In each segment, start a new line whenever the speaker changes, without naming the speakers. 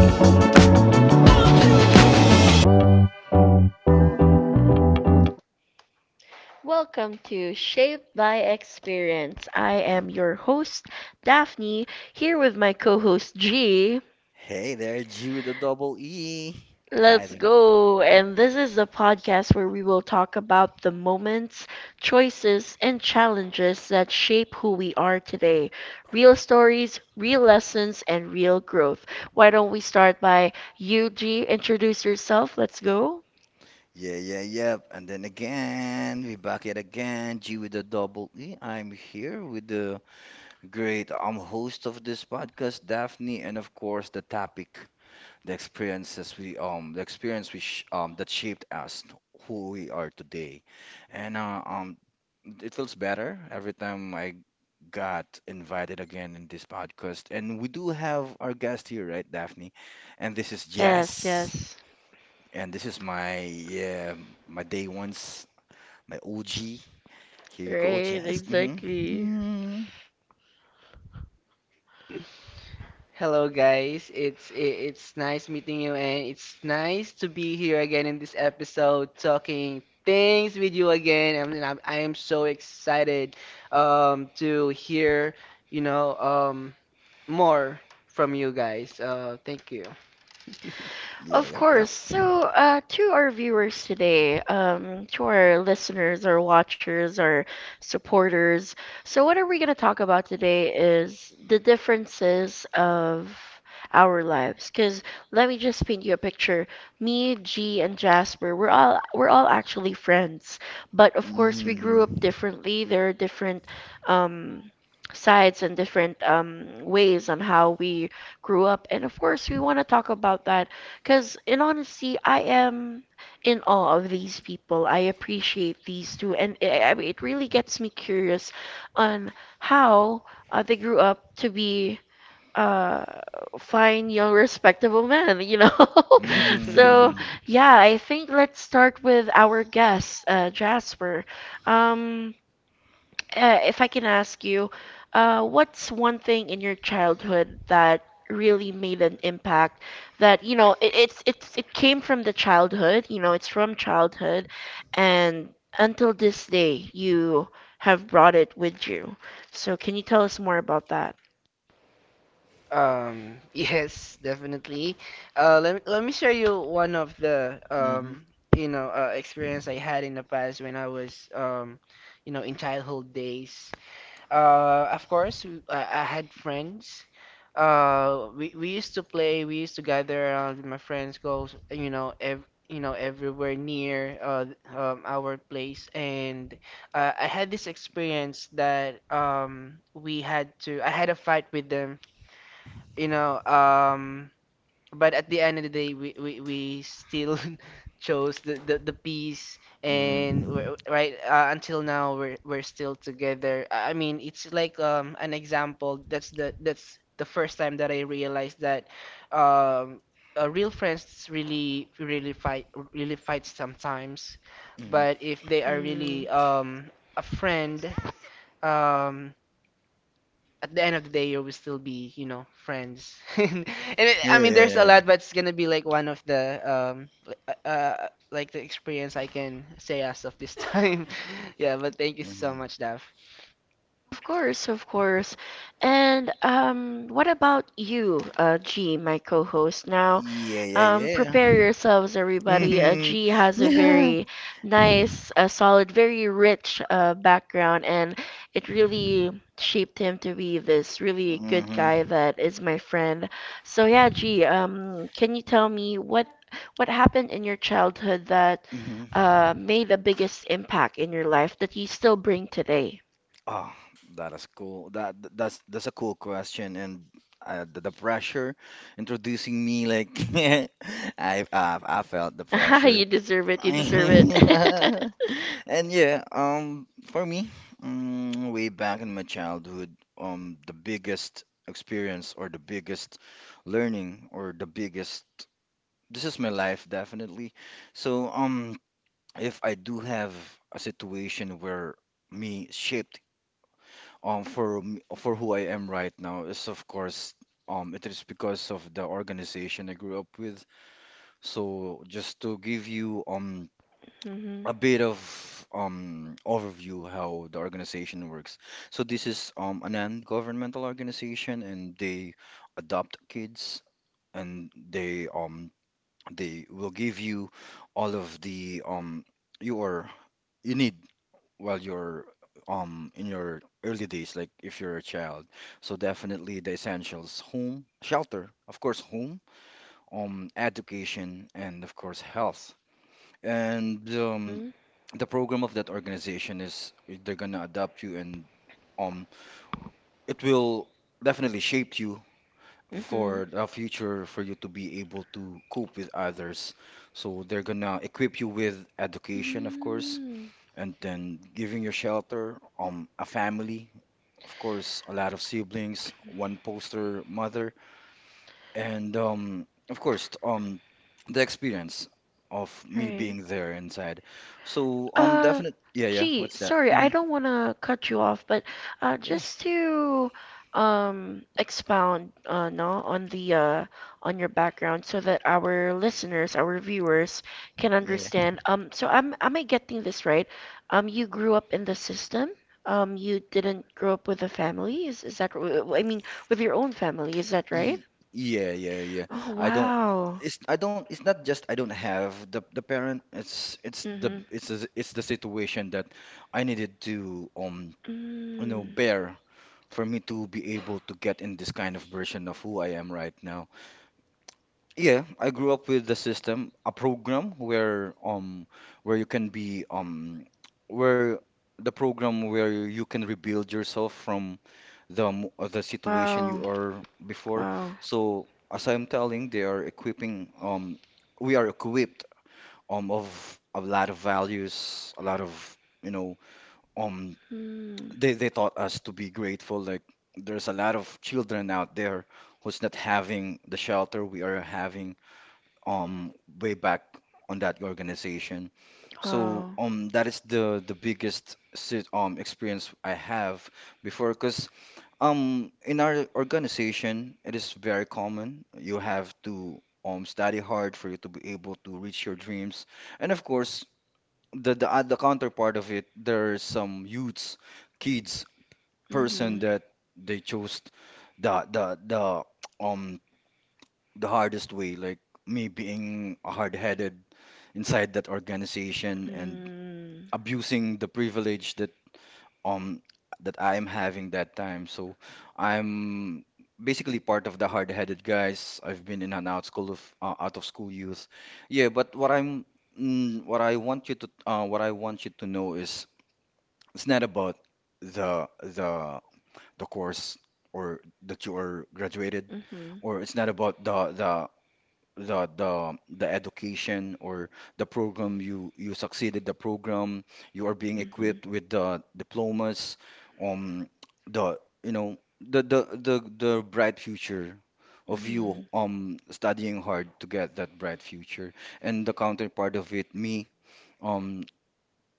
A Welcome to Shaped by Experience. I am your host, Daphne, here with my co host, G.
Hey there, G with the double E. Hi
Let's
there.
go. And this is the podcast where we will talk about the moments, choices, and challenges that shape who we are today. Real stories, real lessons, and real growth. Why don't we start by you, G? Introduce yourself. Let's go.
Yeah, yeah, yep. And then again, we back yet again. G with the double E. I'm here with the great host of this podcast, Daphne, and of course the topic, the experience which that shaped us, who we are today. And it feels better every time I got invited again in this podcast. And we do have our guest here, right, Daphne? And this is
Yes,
Jess.
yes.
And this is my yeah, my day ones, my OG. Here you go,
Right,
Jess. Mm-hmm.
exactly.
Hello guys, it's nice meeting you, and it's nice to be here again in this episode talking things with you again. I mean, I am so excited to hear, you know, um more from you guys. Thank you.
Yeah,
Of
yep,
course.
yep.
So to our viewers today, to our listeners, our watchers, our supporters. So, what are we going to talk about today is the differences of our lives. Because let me just paint you a picture. Me, G, and Jasper, we're all actually friends, but of course we grew
Mm-hmm.
up differently. There are different um, sides and different ways on how we grew up, and of course we want to talk about that because, in honesty, I am in awe of these people. I appreciate these two, and I mean, it really gets me curious on how they grew up to be uh fine, young, respectable men. You know, so
Mm-hmm.
yeah, I think let's start with our guest, Jasper. Um, if I can ask you, what's one thing in your childhood that really made an impact that, you know, it, it's it came from the childhood, you know, it's from childhood, and until this day you have brought it with you. So can you tell us more about that?
Yes, definitely. Let me, let me share you one of the
Mm-hmm.
um you know uh, experience I had in the past when I was in childhood days. Of course, I had friends. We used to play. We used to gather around with my friends, go everywhere near our place. And I had this experience that we had to. I had a fight with them. You know, um, but at the end of the day, we still chose the peace, and
Mm-hmm.
until now we're still together. I mean, it's like an example. That's the first time that I realized that um real friends really really fight sometimes, but if they are
Hmm.
really a friend, um at the end of the day you will still be friends. And it,
Yeah,
i mean
yeah,
there's
yeah.
a
Yeah.
lot, but it's gonna be like one of the li- like the experience I can say as of this time. Yeah. But thank you so
Mm-hmm.
much, Daph.
Of course, of course. And what about you, G, my co-host? Now,
Yeah, yeah, yeah.
prepare yourselves, everybody.
Mm-hmm.
G has a
Yeah.
very nice, solid, very rich background, and it really shaped him to be this really good
Mm-hmm.
guy that is my friend. So yeah, G, can you tell me what happened in your childhood that
Mm-hmm.
made the biggest impact in your life that you still bring today?
Oh, that is cool. That's a cool question, and the, pressure introducing me like I felt the pressure.
You deserve it. You deserve
And
it.
yeah, for me, way back in my childhood, the biggest experience or the biggest learning or the biggest this is my life definitely. So if I do have a situation where me shaped for for who I am right now is of course it is because of the organization I grew up with. So just to give you
Mhm.
a bit of overview how the organization works. So this is a non-governmental organization and they adopt kids and they will give you all of the your you need while you're in your early days, like if you're a child. So definitely the essentials: home, shelter, of course, home, education, and of course, health. And
Mhm.
the program of that organization is they're gonna adopt you, and um, it will definitely shape you
Mhm.
for the future for you to be able to cope with others. So they're gonna equip you with education, of course,
Mhm.
and then giving your shelter, a family, of course, a lot of siblings, one poster mother, and of course, the experience of me
Right.
being there inside. So
Uh,
definite, yeah, yeah.
gee,
What's that?
sorry, I don't want to cut you off, but
Yeah,
just to expound no on the on your background so that our listeners, our viewers can
yeah, yeah.
understand. So I'm am I getting this right? You grew up in the system. You didn't grow up with a family. Is that I mean with your own family, is that right?
Ye- Yeah, yeah, yeah.
Oh,
I don't.
wow.
It's I don't. It's not just I don't have the parent. It's the
Mm-hmm.
it's it's the situation that I needed to you know
Mm.
bear for me to be able to get in this kind of version of who I am right now. Yeah, I grew up with the system, a program where you can be where the program where you can rebuild yourself from the the situation
Wow.
you are before.
Wow.
So as I'm telling, they are equipping we are equipped of a lot of values, a lot of you know um
Hmm.
they taught us to be grateful. Like there's a lot of children out there who's not having the shelter we are having um way back on that organization. So
Wow.
that is the biggest sit experience I have before because in our organization it is very common you have to study hard for you to be able to reach your dreams and of course the the counterpart of it there's some youths kids person
Mhm.
that they chose the um the hardest way, like me being hard-headed inside that organization and
Mm.
abusing the privilege that um that I am having that time. So I'm basically part of the hard-headed guys. I've been in and out school of out of school youth. Yeah, but what I'm what I want you to what I want you to know is it's not about the the course or that you are graduated
Mhm.
or it's not about the the education or the program you you succeeded the program you are being
Mhm.
equipped with the diplomas um the you know the the bright future of you
Mhm.
studying hard to get that bright future and the counterpart of it me um.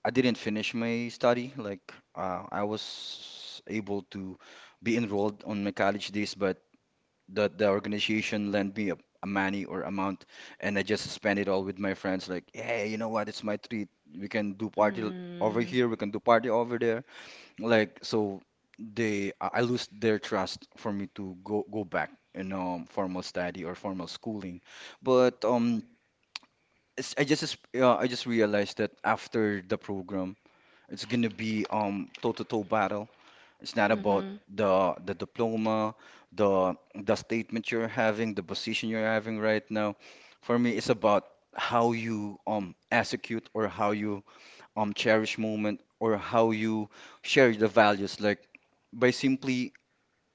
I didn't finish my study. Like I was able to be enrolled on my college days, but the organization lent me a money or amount, and I just spent it all with my friends. Like, hey, you know what? It's my treat. We can do party l- over
Mm.
here. We can do party over there. Like, so they I lose their trust for me to go back in formal study or formal schooling. But it's, I just realized that after the program. It's gonna be toe-to-toe battle. It's not about
Mhm.
the diploma, the statement you're having, the position you're having right now. For me, it's about how you execute or how you cherish moment or how you share the values. Like by simply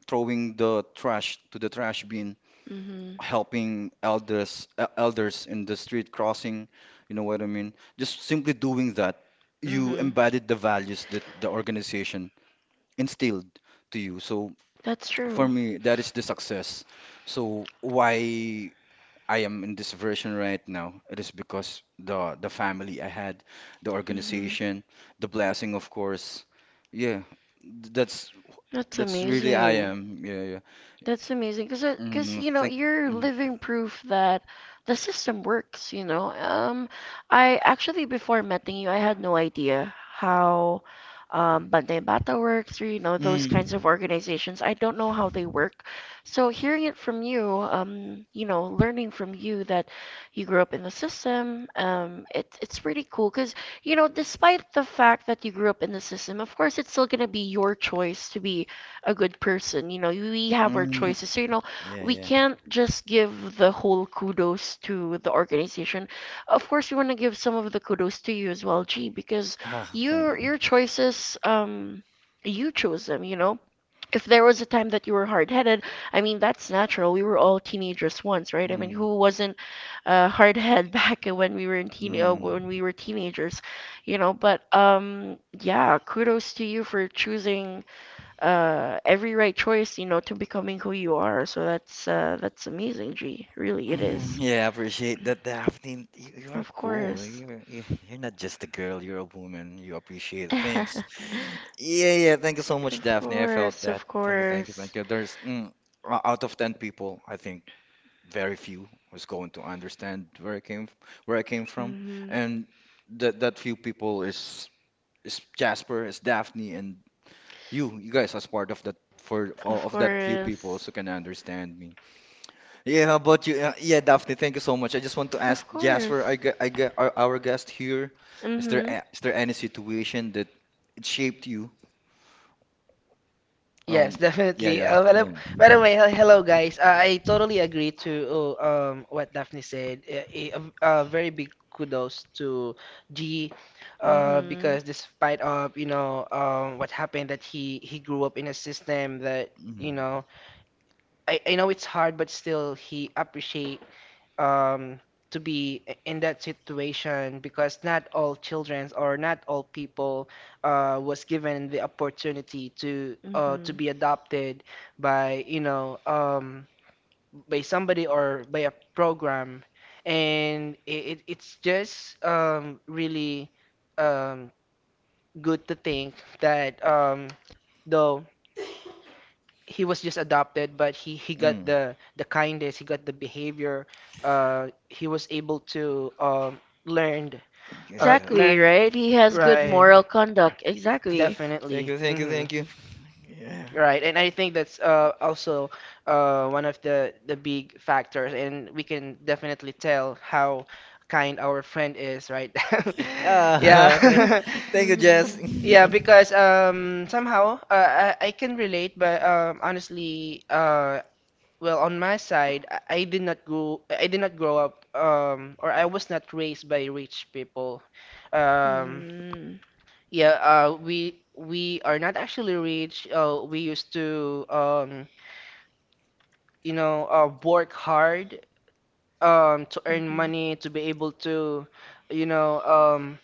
throwing the trash to the trash bin,
Mhm.
helping elders elders in the street crossing, you know what I mean? Just simply doing that, you
Mhm.
embodied the values that the organization instilled to you. So
That's
for
true.
me, that is the success. So why I am in this version right now, it is because the family I had, the
Mhm.
organization, the blessing, of course. Yeah, th- that's
That's
that's really I
amazing.
am. Yeah, yeah.
That's amazing because you know
Thank.
you're
Mm,
living proof that the system works, you know. I actually before meeting you I had no idea how Bantay Bata works or you know those kinds
mm,
of organizations. I don't know how they work. So hearing it from you, you know, learning from you that you grew up in the system, it's pretty cool you know, despite the fact that you grew up in the system, of course, it's still going to be your choice to be a good person. You know, we have our
mm,
choices. So, you know,
yeah,
we
yeah.
can't just give the whole kudos to the organization. Of course, we want to give some of the kudos to you as well, G, because
Thank you.
your choices, you chose them, you know if there was a time that you were hard-headed, I mean that's natural. We were all teenagers once, right? I mean,
Mm,
who wasn't hard-headed back when we were in teen when
mm.
we were teenagers, you know? But yeah, kudos to you for choosing every right choice, you know, to becoming who you are. So that's amazing, G. Really, it is.
Yeah, I appreciate that, Daphne. You are
Of
cool.
course.
You're, you're not just a girl, you're a woman. You appreciate things. Yeah, yeah. Thank you so much,
Of
Daphne. I felt
course,
that.
of
Thank you, thank you,
course.
thank you. There's out of 10 people, I think very few was going to understand where I came where I came from.
Mhm.
And that few people is Jasper, is Daphne, and you guys as part of that for
Of
of that few people
course.
so can understand me. Yeah, how about you? Yeah, Daphne, thank you so much. I just want to ask
Of
Jasper,
course.
our guest here, is there
Mhm.
a, is there any situation that it shaped you?
Yes.
Um, yeah,
Definitely.
yeah,
uh, by, the,
yeah.
by the way hello guys, I totally agree to what Daphne said. A very big kudos to G,
Mhm.
because despite of what happened, that he grew up in a system that, you
Mm,
know I know it's hard, but still he appreciate um to be in that situation because not all children or not all people was given the opportunity to to
Mhm.
be adopted by by somebody or by a program. And it's just really um, good to think that, though he was just adopted, but he got
mm,
the kindness, he got the behavior. He was able to learned
yeah,
uh,
yeah. Yeah.
Exactly,
learn
right? He has good
Mhm.
right.
moral conduct. Exactly.
Thank you,
Definitely.
thank you, thank
Hmm.
you. Yeah.
Right. And I think that's also one of the big factors. And we can definitely tell how kind our friend is, right?
Ah, thank,
Yeah.
thank you, Jess.
Mhm.
Yeah, because somehow, I can relate, but honestly, well, on my side, I did not grow up, or I was not raised by rich people. Um yeah, we are not actually rich. We used to work hard to earn
Mm-hmm.
money, to be able to you know um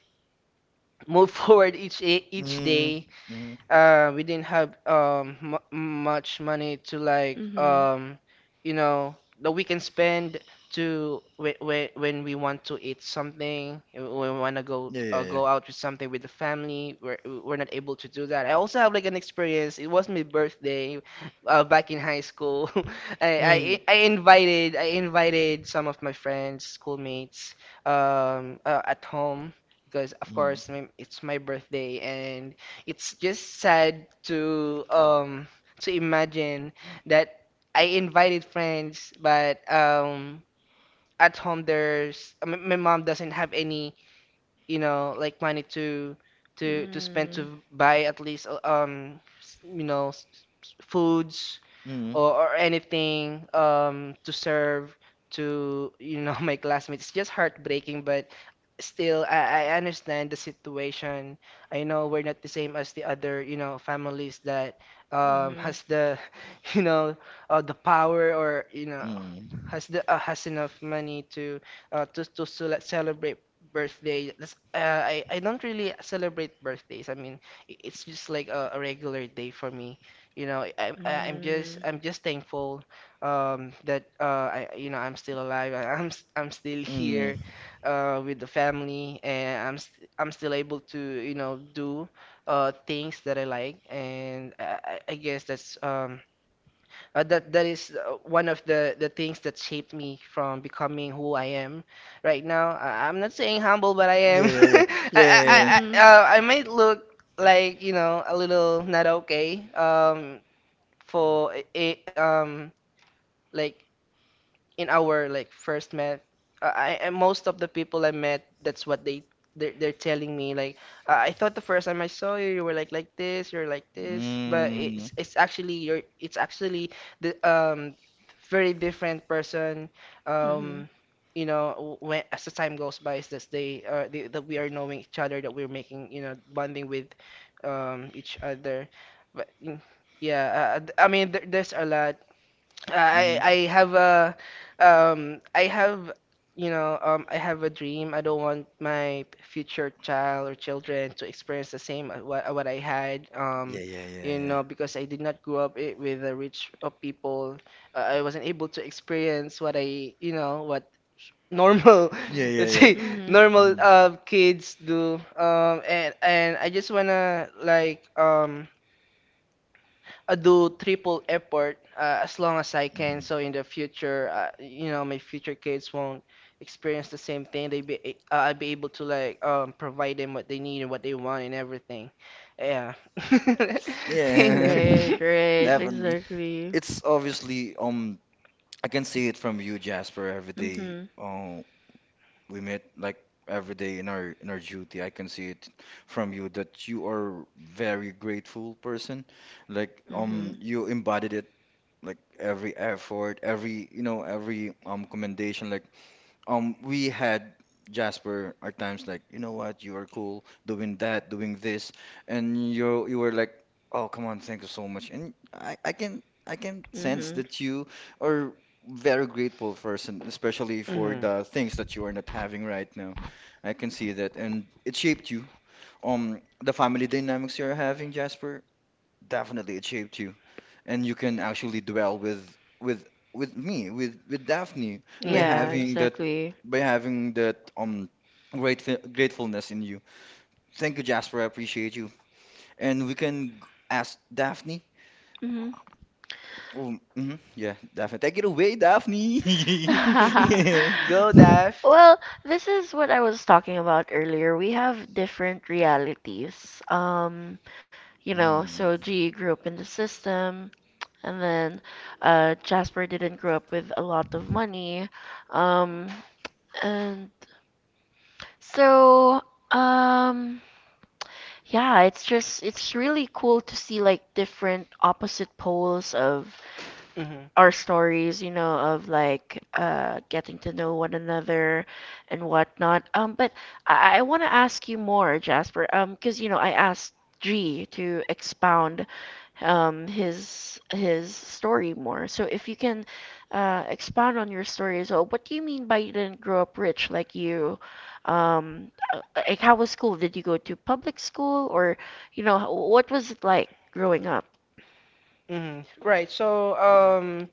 move forward each
Mm,
day.
mm,
We didn't have m much money to, like,
Mm-hmm.
you know that we can spend to, when when we want to eat something, when we want to go
yeah,
uh,
yeah, yeah.
go out with something with the family. We're not able to do that. I also have like an experience. It was my birthday, back in high school.
Mm,
I invited some of my friends, schoolmates, at home, because of
mm,
course, it's my birthday, and it's just sad to imagine that I invited friends, but at home, there's my mom doesn't have any, like, money to spend
Mm.
to buy at least foods,
mm,
or anything, to serve to, my classmates. It's just heartbreaking, but still I understand the situation. I know we're not the same as the other, families that
Mm-hmm.
has the you know the power, or,
mm,
has the has enough money to, to celebrate birthday. That's, I don't really celebrate birthdays. I mean, it's just like a regular day for me. you know I, I- i'm just
Mm.
i'm just thankful that, I you know I'm still alive. I'm still here
mm.
with the family, and I'm still able to do things that I like. And I guess that's, that is, one of the things that shaped me from becoming who I am right now. I'm not saying humble, but I am.
Yeah, yeah, yeah,
I,
yeah,
I
Mm-hmm. Mm-hmm.
i
yeah, yeah.
Mm-hmm.
I- uh, i might look
Mm-hmm.
like, a little not okay, for like, in our, like, first met. I, and most of the people I met, that's what they're telling me, like, I thought the first time I saw you, you were like this, you're like this, but
Mm,
it's actually the, very different person,
Mm-hmm. Mm-hmm.
um when, as the time goes by, is that that we are knowing each other, that we're making, bonding with each other. But mm, yeah, I mean, there's a lot.
mm.
I have a I have you know I have a dream. I don't want my future child or children to experience the same, what I had,
Yeah, yeah, yeah, yeah.
because I did not grow up with the rich of people. I wasn't able to experience what I you know what normal,
Yeah, yeah,
let's
yeah.
say,
Mm-hmm. Mm-hmm.
normal,
hmm
kids do. And I just wanna, like, I do triple effort, as long as I can,
hmm
so in the future, my future kids won't experience the same thing. I'll be able to, like, provide them what they need and what they want and everything. Yeah.
Yeah,
Thank
Right,
you.
right,
definitely.
exactly.
It's obviously I can see it from you, Jasper, every
Mm-hmm.
day
Mm-hmm.
we met like every day in our duty. I can see it from you that you are very grateful person. Like
Mm-hmm.
you embodied it like every effort, every you know, every commendation like we had Jasper our times like you know what you are cool doing that doing this and you were like oh come on thank you so much and I can I can sense
Mm-hmm.
that you are very grateful person, especially for
Mhm.
the things that you are not having right now. I can see that and it shaped you the family dynamics you're having, Jasper. Definitely it shaped you and you can actually dwell with with me with Daphne by
Yeah,
Mhm.
having that
exactly.
by having that grateful gratefulness in you. Thank you, Jasper. I appreciate you. And we can ask Daphne.
Hmm.
Oh, mhm, yeah, Daphne. Take it away, Daphne. Yeah.
Go, Dash.
Well, this is what I was talking about earlier. We have different realities. You know,
Mm,
so G grew up in the system, and then Jasper didn't grow up with a lot of money. Um, and so, um, yeah, it's just it's really cool to see like different opposite poles of
Mhm.
our stories, you know, of like getting to know one another and whatnot. But I want to ask you more, Jasper, because you know, I asked G to expound his story more. So if you can expound on your story as well, what do you mean by you didn't grow up rich like you? Um, uh, like how was school? Did you go to public school or, you know, what was it like growing up?
Mhm. Right. So.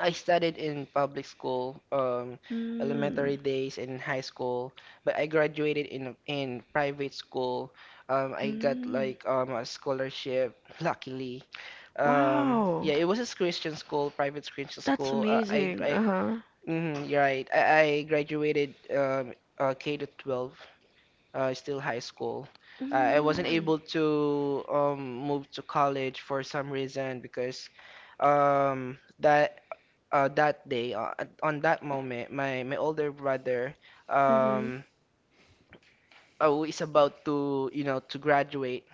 I studied in public school,
Mm,
elementary days and high school, but I graduated in private school. I got,
mm,
like, a scholarship, luckily.
wow.
Yeah, it was a Christian school, private Christian
That's
school.
amazing. Uh-huh.
You're right. I graduated, K to 12, still high school. I wasn't
Mm.
able to, move to college for some reason, because, um, that that day, on that moment, my older brother,
Mhm.
um, who is about to, you know, to graduate,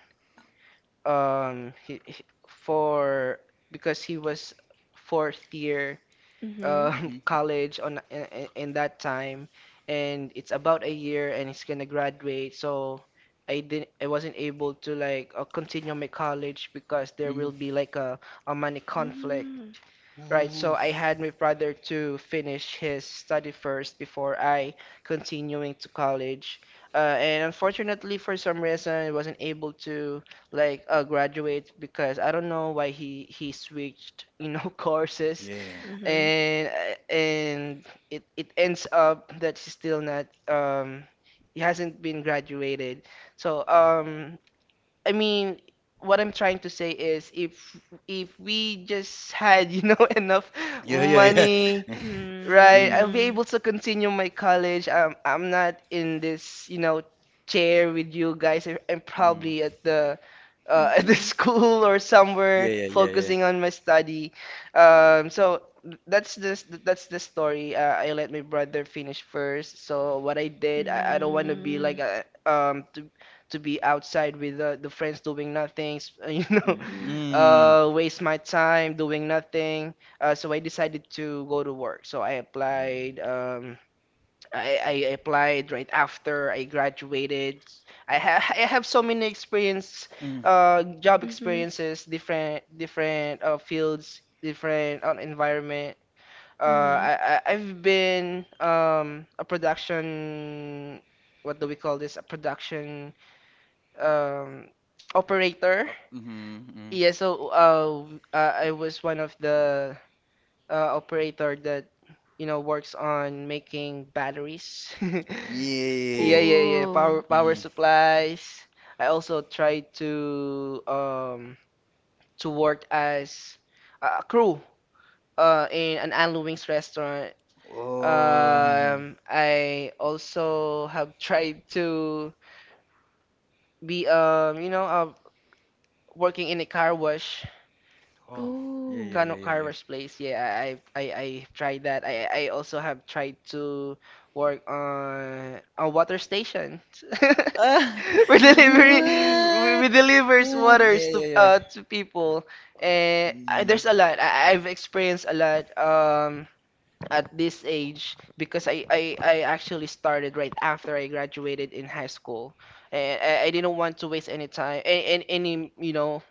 he- for because he was fourth year,
Mhm.
mhm,
college, on in that time, and it's about a year, and he's gonna graduate, so. I didn't. I wasn't able to, like, continue my college, because there will
mhm.
be, like, a money conflict.
Mhm.
Right, so
Ooh,
I had my brother to finish his study first before I continuing to college. And unfortunately, for some reason, I wasn't able to, like, graduate, because I don't know why he switched, you know, courses,
yeah.
Mhm.
and it ends up that he's still not um he hasn't been graduated. So
Mm.
I mean, what I'm trying to say is, if we just had, you know, enough
Yeah, yeah, yeah.
money. Right,
Mm,
I'll be
Mm.
able to continue my college. I'm not in this, you know, chair with you guys. I'm probably
mm.
at the at the
Mhm.
school or somewhere
Yeah, yeah, yeah, yeah.
focusing on my study. So that's the story. I let my brother finish first. So what I did, I don't want to be
Mm.
like, um to to be outside with, the friends, doing nothing, you know,
Mm,
Mhm.
mm.
waste my time doing nothing. So I decided to go to work. So I
Yeah, yeah.
applied. I applied right after I graduated. I have so many experience,
Mm.
job
Mhm.
experiences, different fields, different environment. Uh,
Mhm.
I, I I've been, a production. What do we call this? A production, um, operator.
Mhm,
Yeah. So, I was one of the, operator that, works on making batteries. Yeah,
Yeah.
yeah, yeah.
Oh.
Power
Mm.
supplies. I also tried to work as a crew in an Anlu Wings restaurant.
Oh. Mm.
I also have tried to be, working in a car wash.
Oh. Yeah,
Oh.
yeah,
Kano
yeah, yeah, yeah.
Kara's place. Yeah, I tried that. I also have tried to work on a water station.
Ah,
we delivery
Mm.
we
what?
delivers
What?
waters
Yeah,
to
yeah, yeah.
uh to people. And
Mm.
there's a lot. I've experienced a lot at this age because I actually started right after I graduated in high school. And I didn't want to waste any time. You know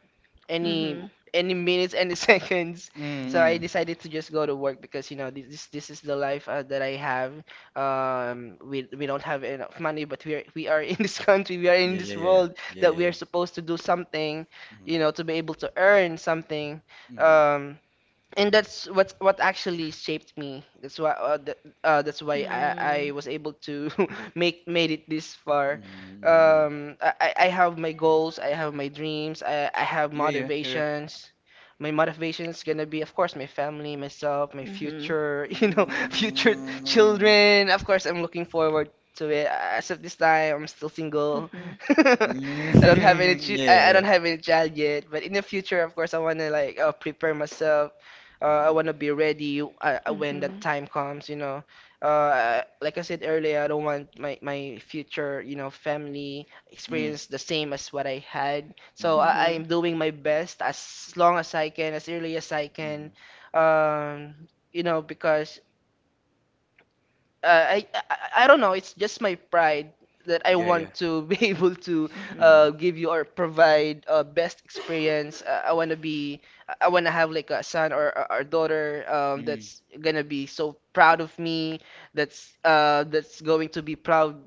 any
Mhm.
any minutes, any seconds.
Mm.
So I
mm.
decided to just go to work because you know this is the life that I have. We don't have enough money, but we are in this country, we are in
Yeah, yeah,
this
yeah, yeah.
world,
Yeah,
that
yeah,
we are
yeah.
supposed to do something, you
Mm.
know, to be able to earn something.
Mm.
Um, and that's what's what actually shaped me. That's why that's why I was able to make made it
Mm.
this far.
Mm. mm.
I, I have my goals. I have my dreams. I have
Yeah, yeah, yeah, yeah.
motivations. My motivations gonna be, of course, my family, myself, my
Mm-hmm.
future you know
Mm.
future
Mm.
children. Of course, I'm looking forward to it. As of this time, I'm still single.
Mm-hmm.
I
Yeah,
don't have any
yeah,
chi- I
yeah.
don't have any child yet, but in the future, of course, I wanna like prepare myself. I
Mm.
want to be ready when that
Mm-hmm.
time comes, you know. Like I said earlier, I don't want my future, you know, family
Mm.
experience the same as what I had. So
Mm.
I,
Mm-hmm.
I'm doing my best as long as I can, as early as I can,
Mm.
um, you know, because uh, I, I I don't know. It's just my pride that I
Yeah, yeah.
want to be able to
Mm-hmm.
Mm.
give you or provide best experience. I want to have like a son or or daughter
Mm.
that's gonna be so proud of me. That's going to be proud.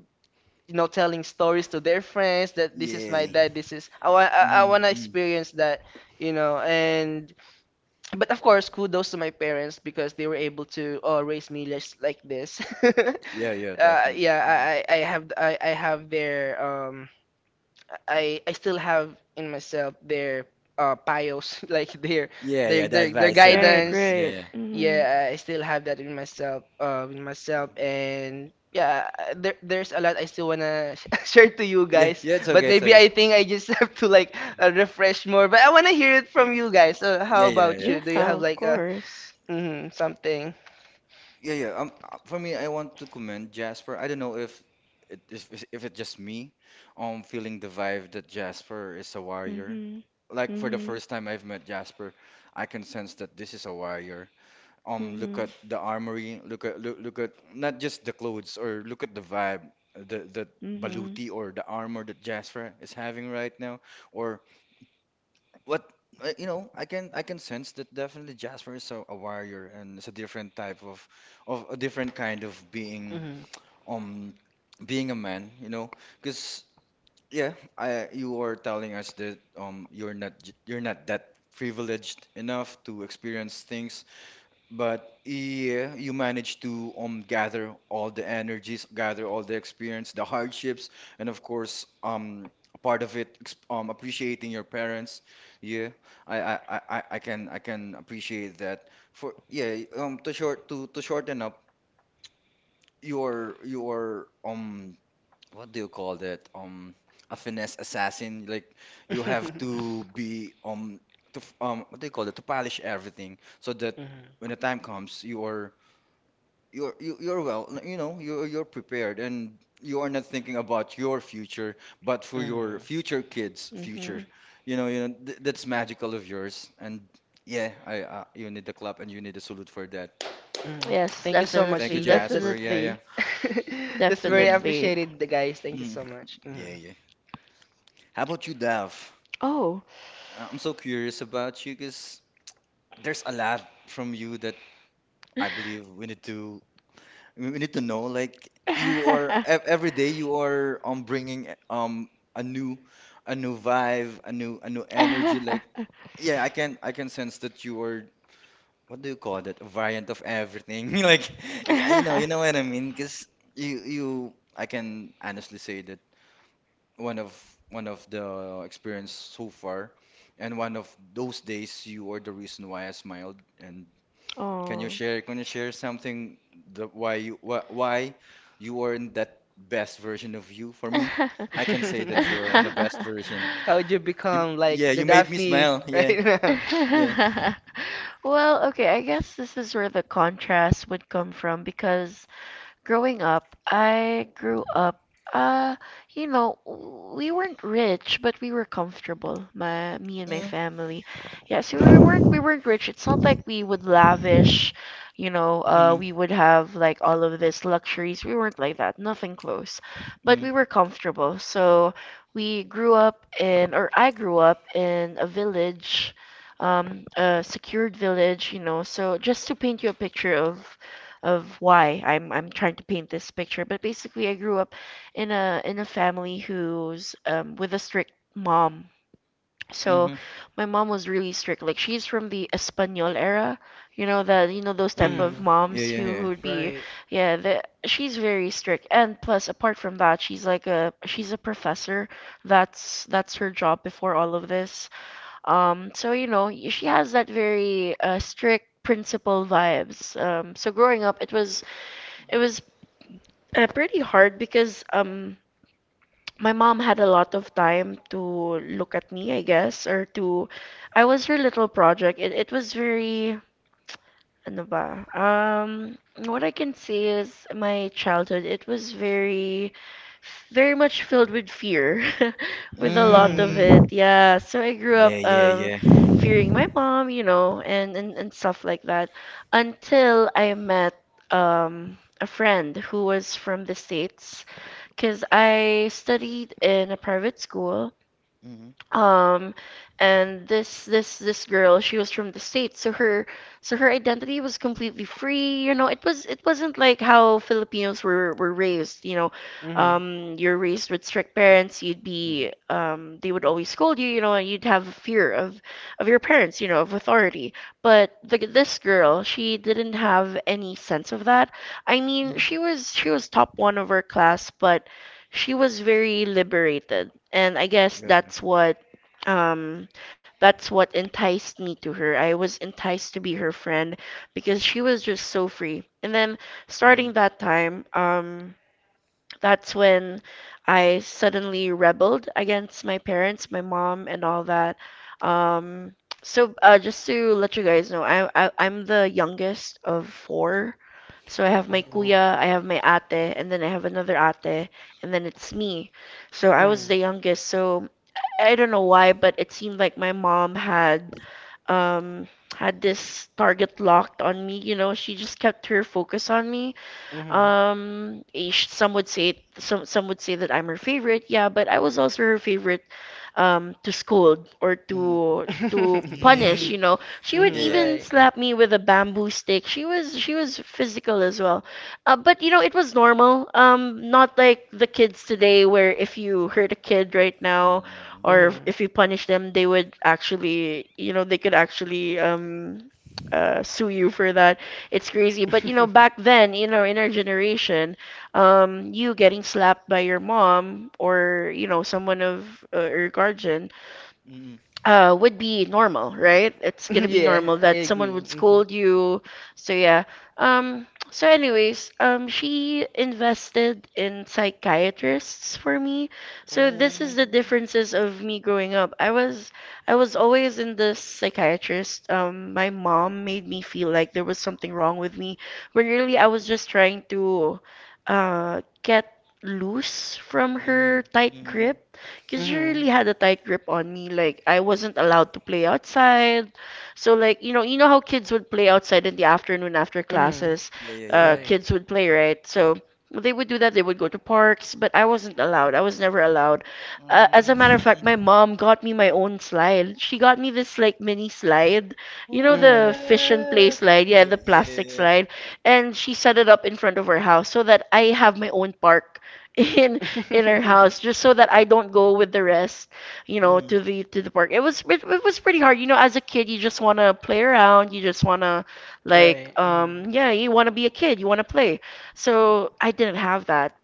You know, telling stories to their friends that this is my
Yeah.
dad. This is I
Mm.
want to
Mm.
experience that, you know. And, but of course, kudos to my parents because they were able to raise me just like this. uh,
Yeah, yeah, definitely.
yeah,
Mm.
I, I I have I have their I still have in myself their pious like their
Yeah,
their
yeah, that
their their
advice.
Right,
guidance.
right.
Yeah,
Yeah. Mm-hmm.
Yeah, I still have that in myself and yeah, there's a lot. I still wanna share to you
Yeah,
guys,
yeah, it's
but
okay, it's
maybe
okay.
I think I just have to like refresh more. But I wanna hear it from
Yeah,
you guys. So
yeah,
how
yeah,
about
yeah,
you?
Yeah,
Do you have
of
like a
course.
something.
yeah. Yeah. For me, I want to commend Jasper. I don't know if it's- if it's just me, feeling the vibe that Jasper is a warrior.
Mm-hmm.
Like for the
Mm-hmm.
first time I've met Jasper, I can sense that this is a warrior.
Mm-hmm.
Look
Mm-hmm.
at the armory. Look at not just the clothes, or look at the vibe, the baluti or the armor that Jasper is having right now. Or What I- you know, I can sense that definitely Jasper is a warrior, and it's a different type of a different kind of being,
Mm-hmm.
um being a man, because yeah, I you were telling us that you're not that privileged enough to experience things, but yeah, you manage to gather all the energies, gather all the experience, the hardships, and of course, a part of it, appreciating your parents. Yeah, I can appreciate that. To shorten up your what do you call that? A finesse assassin. Like, you have
Hmm.
to be to what do you call it? To polish everything so that
Mm-hmm.
when the time comes, you're you're prepared, and you are not thinking about your future, but for
Mm-hmm.
your future, kids' future.
Mm-hmm.
You know th that's magical of yours. And yeah, I you need the clap, and you need a salute for that.
mm
Yes,
Thank you so much,
Thank you,
definitely,
G. That's
Jasper. Yeah, yeah.
definitely,
that's very
Mm,
definitely.
appreciated, the guys. Thank you
mm.
so much.
Yeah,
Mhm.
yeah. How about you, Dav?
Oh.
I'm so curious about you, because there's a lot from you that I believe we need to know. Like, you are ev every day, you are bringing a new, a new vibe, a new energy. Like, yeah, I can sense that you are, what do you call that, a variant of everything. Like, you know what I mean. Because you I can honestly say that one of one of the experience so far, and one of those days you are the reason why I smiled. And can you
Oh.
share can you share something, the why you wh why you weren't that best version of you? For me, I can say that you're in the best version.
How'd you
You,
become
yeah,
like the
you made me
Daphne
smile. Yeah.
right now?
Yeah.
Well, okay, I guess this is where the contrast would come from because growing up, uh, you know, we weren't rich, but we were comfortable, me and my
Mm,
family. Yeah, so we weren't rich. It's not like we would lavish, you know,
mm,
we would have like all of these luxuries. We weren't like that, nothing close. But
mm,
we were comfortable. So we grew up in, or I grew up in a village, a secured village, you know. So just to paint you a picture of why I'm trying to paint this picture. But basically, I grew up in a family who's with a strict mom. So
mm,
my mom was really strict. Like she's from the Espanol era, you know that you know those type
mm.
of
Yeah,
Mm-hmm.
moms
yeah,
who
yeah.
would be,
Right.
yeah. She's very strict, and plus apart from that, she's a professor. That's her job before all of this. So you know she has that very strict principal vibes. So growing up, it was pretty hard because my mom had a lot of time to look at me, I guess, or to I was her little project. It was very Ano ba? What I can say is my childhood, it was very, very much filled with fear, with a lot of
Hmm.
it.
Mm.
Yeah. So I grew
Yeah,
up
yeah, yeah.
fearing my mom, you know, and stuff like that until I met a friend who was from the States because I studied in a private school
Mm-hmm.
um and this girl, she was from the States, so her identity was completely free, you know. It was it wasn't like how Filipinos were raised, you know.
Mhm.
You're raised with strict parents, you'd
Mm-hmm.
be they would always scold you, you know, and you'd have a fear of your parents, you know, of authority. But this girl, she didn't have any sense of that. I mean, she was top one of her class, but she was very liberated. And I guess
Mm-hmm. Yeah, yeah.
um that's what enticed me to her. I was enticed to be her friend because she was just so free. And then
Mm-hmm.
starting that time, that's when I suddenly rebelled against my parents, my mom, and all that. Um so uh, just to let you guys know I I'm the youngest of four, so I have my
Oh.
kuya, I have my ate, and then I have another ate, and then it's me. So I was the
Mhm.
youngest, so I don't know why, but it seemed like my mom had um had this target locked on me. You know, she just kept her focus on me.
Mhm.
Some would say some would say that I'm her favorite, yeah, but I was also her favorite to scold or
Mm-hmm.
punish,
to punish,
Mm.
you
Mhm,
know. She
they
would
Yeah, yeah,
didn't
yeah.
even
right.
slap me with a bamboo stick. She was physical as well. But you know, it was normal. Not like the kids today where if you hurt a kid right now
Mm.
or if
Mhm.
you punish them, they would actually, you know, they could actually sue you for that. It's crazy. But you know, back then, you know, in our generation, you getting slapped by your mom or you know someone of your guardian
Mm.
would be normal, right? It's gonna be
Yeah,
normal that
I
someone
agree.
would
Hmm.
scold you. So yeah. So anyways, she invested in psychiatrists for me. So this is
Oh.
the differences of me growing up. I was always in the psychiatrist. My mom made me feel like there was something wrong with me, when really I was just trying to, get loose from
Mm-hmm.
her tight
Mm-hmm.
grip because she
Hmm.
really had a tight grip on me. Like I wasn't allowed to play outside. So, like, you know how kids would play outside in the afternoon after
Hmm.
classes.
Yeah, yeah, yeah, yeah.
Right.
Kids would play, right. So they would do that. They would go to parks, but I wasn't allowed. I was never allowed. As
Mm.
a matter of fact, my mom got me my own slide. She got me this, like, mini slide. You know, the
Hmm.
fish and play
What?
slide, yeah,
Yeah,
the
yeah,
plastic
yeah.
slide, and she set it up in front of her house so that I have my own park in in our house, just so that I don't go with the rest,
Mm,
to the park. It was pretty hard. You know, as a kid, you just want to play around. You just want to, like,
Right.
yeah, you want to be a kid. You want to play. So I didn't have that.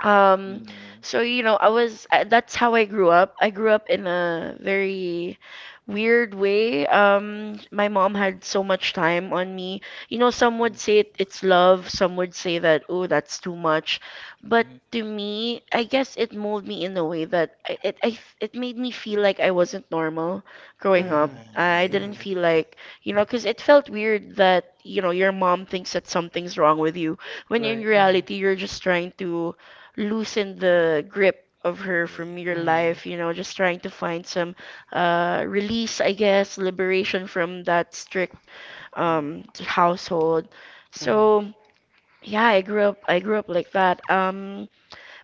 Um,
mm,
so you know, I was that's how I grew up. I grew up in a very weird way. My mom had so much time on me. You know, some would
mm,
say it's love, some would say that, oh, that's too much. But
mm.
to me, I guess it molded me in a way that I, it I, f- it made me feel like I wasn't normal growing
Ah,
Hmm.
yeah,
up. I
yeah,
Hmm.
didn't
Hmm.
yeah,
feel like, because it felt weird that, your mom thinks that something's wrong with you when in
Right. Uh-huh.
reality you're just trying to loosen the grip of her
yeah.
from your
Mm-hmm.
life, just trying to find some release, I guess,
Mm,
liberation from that strict
mm.
household. So yeah, I grew up like that.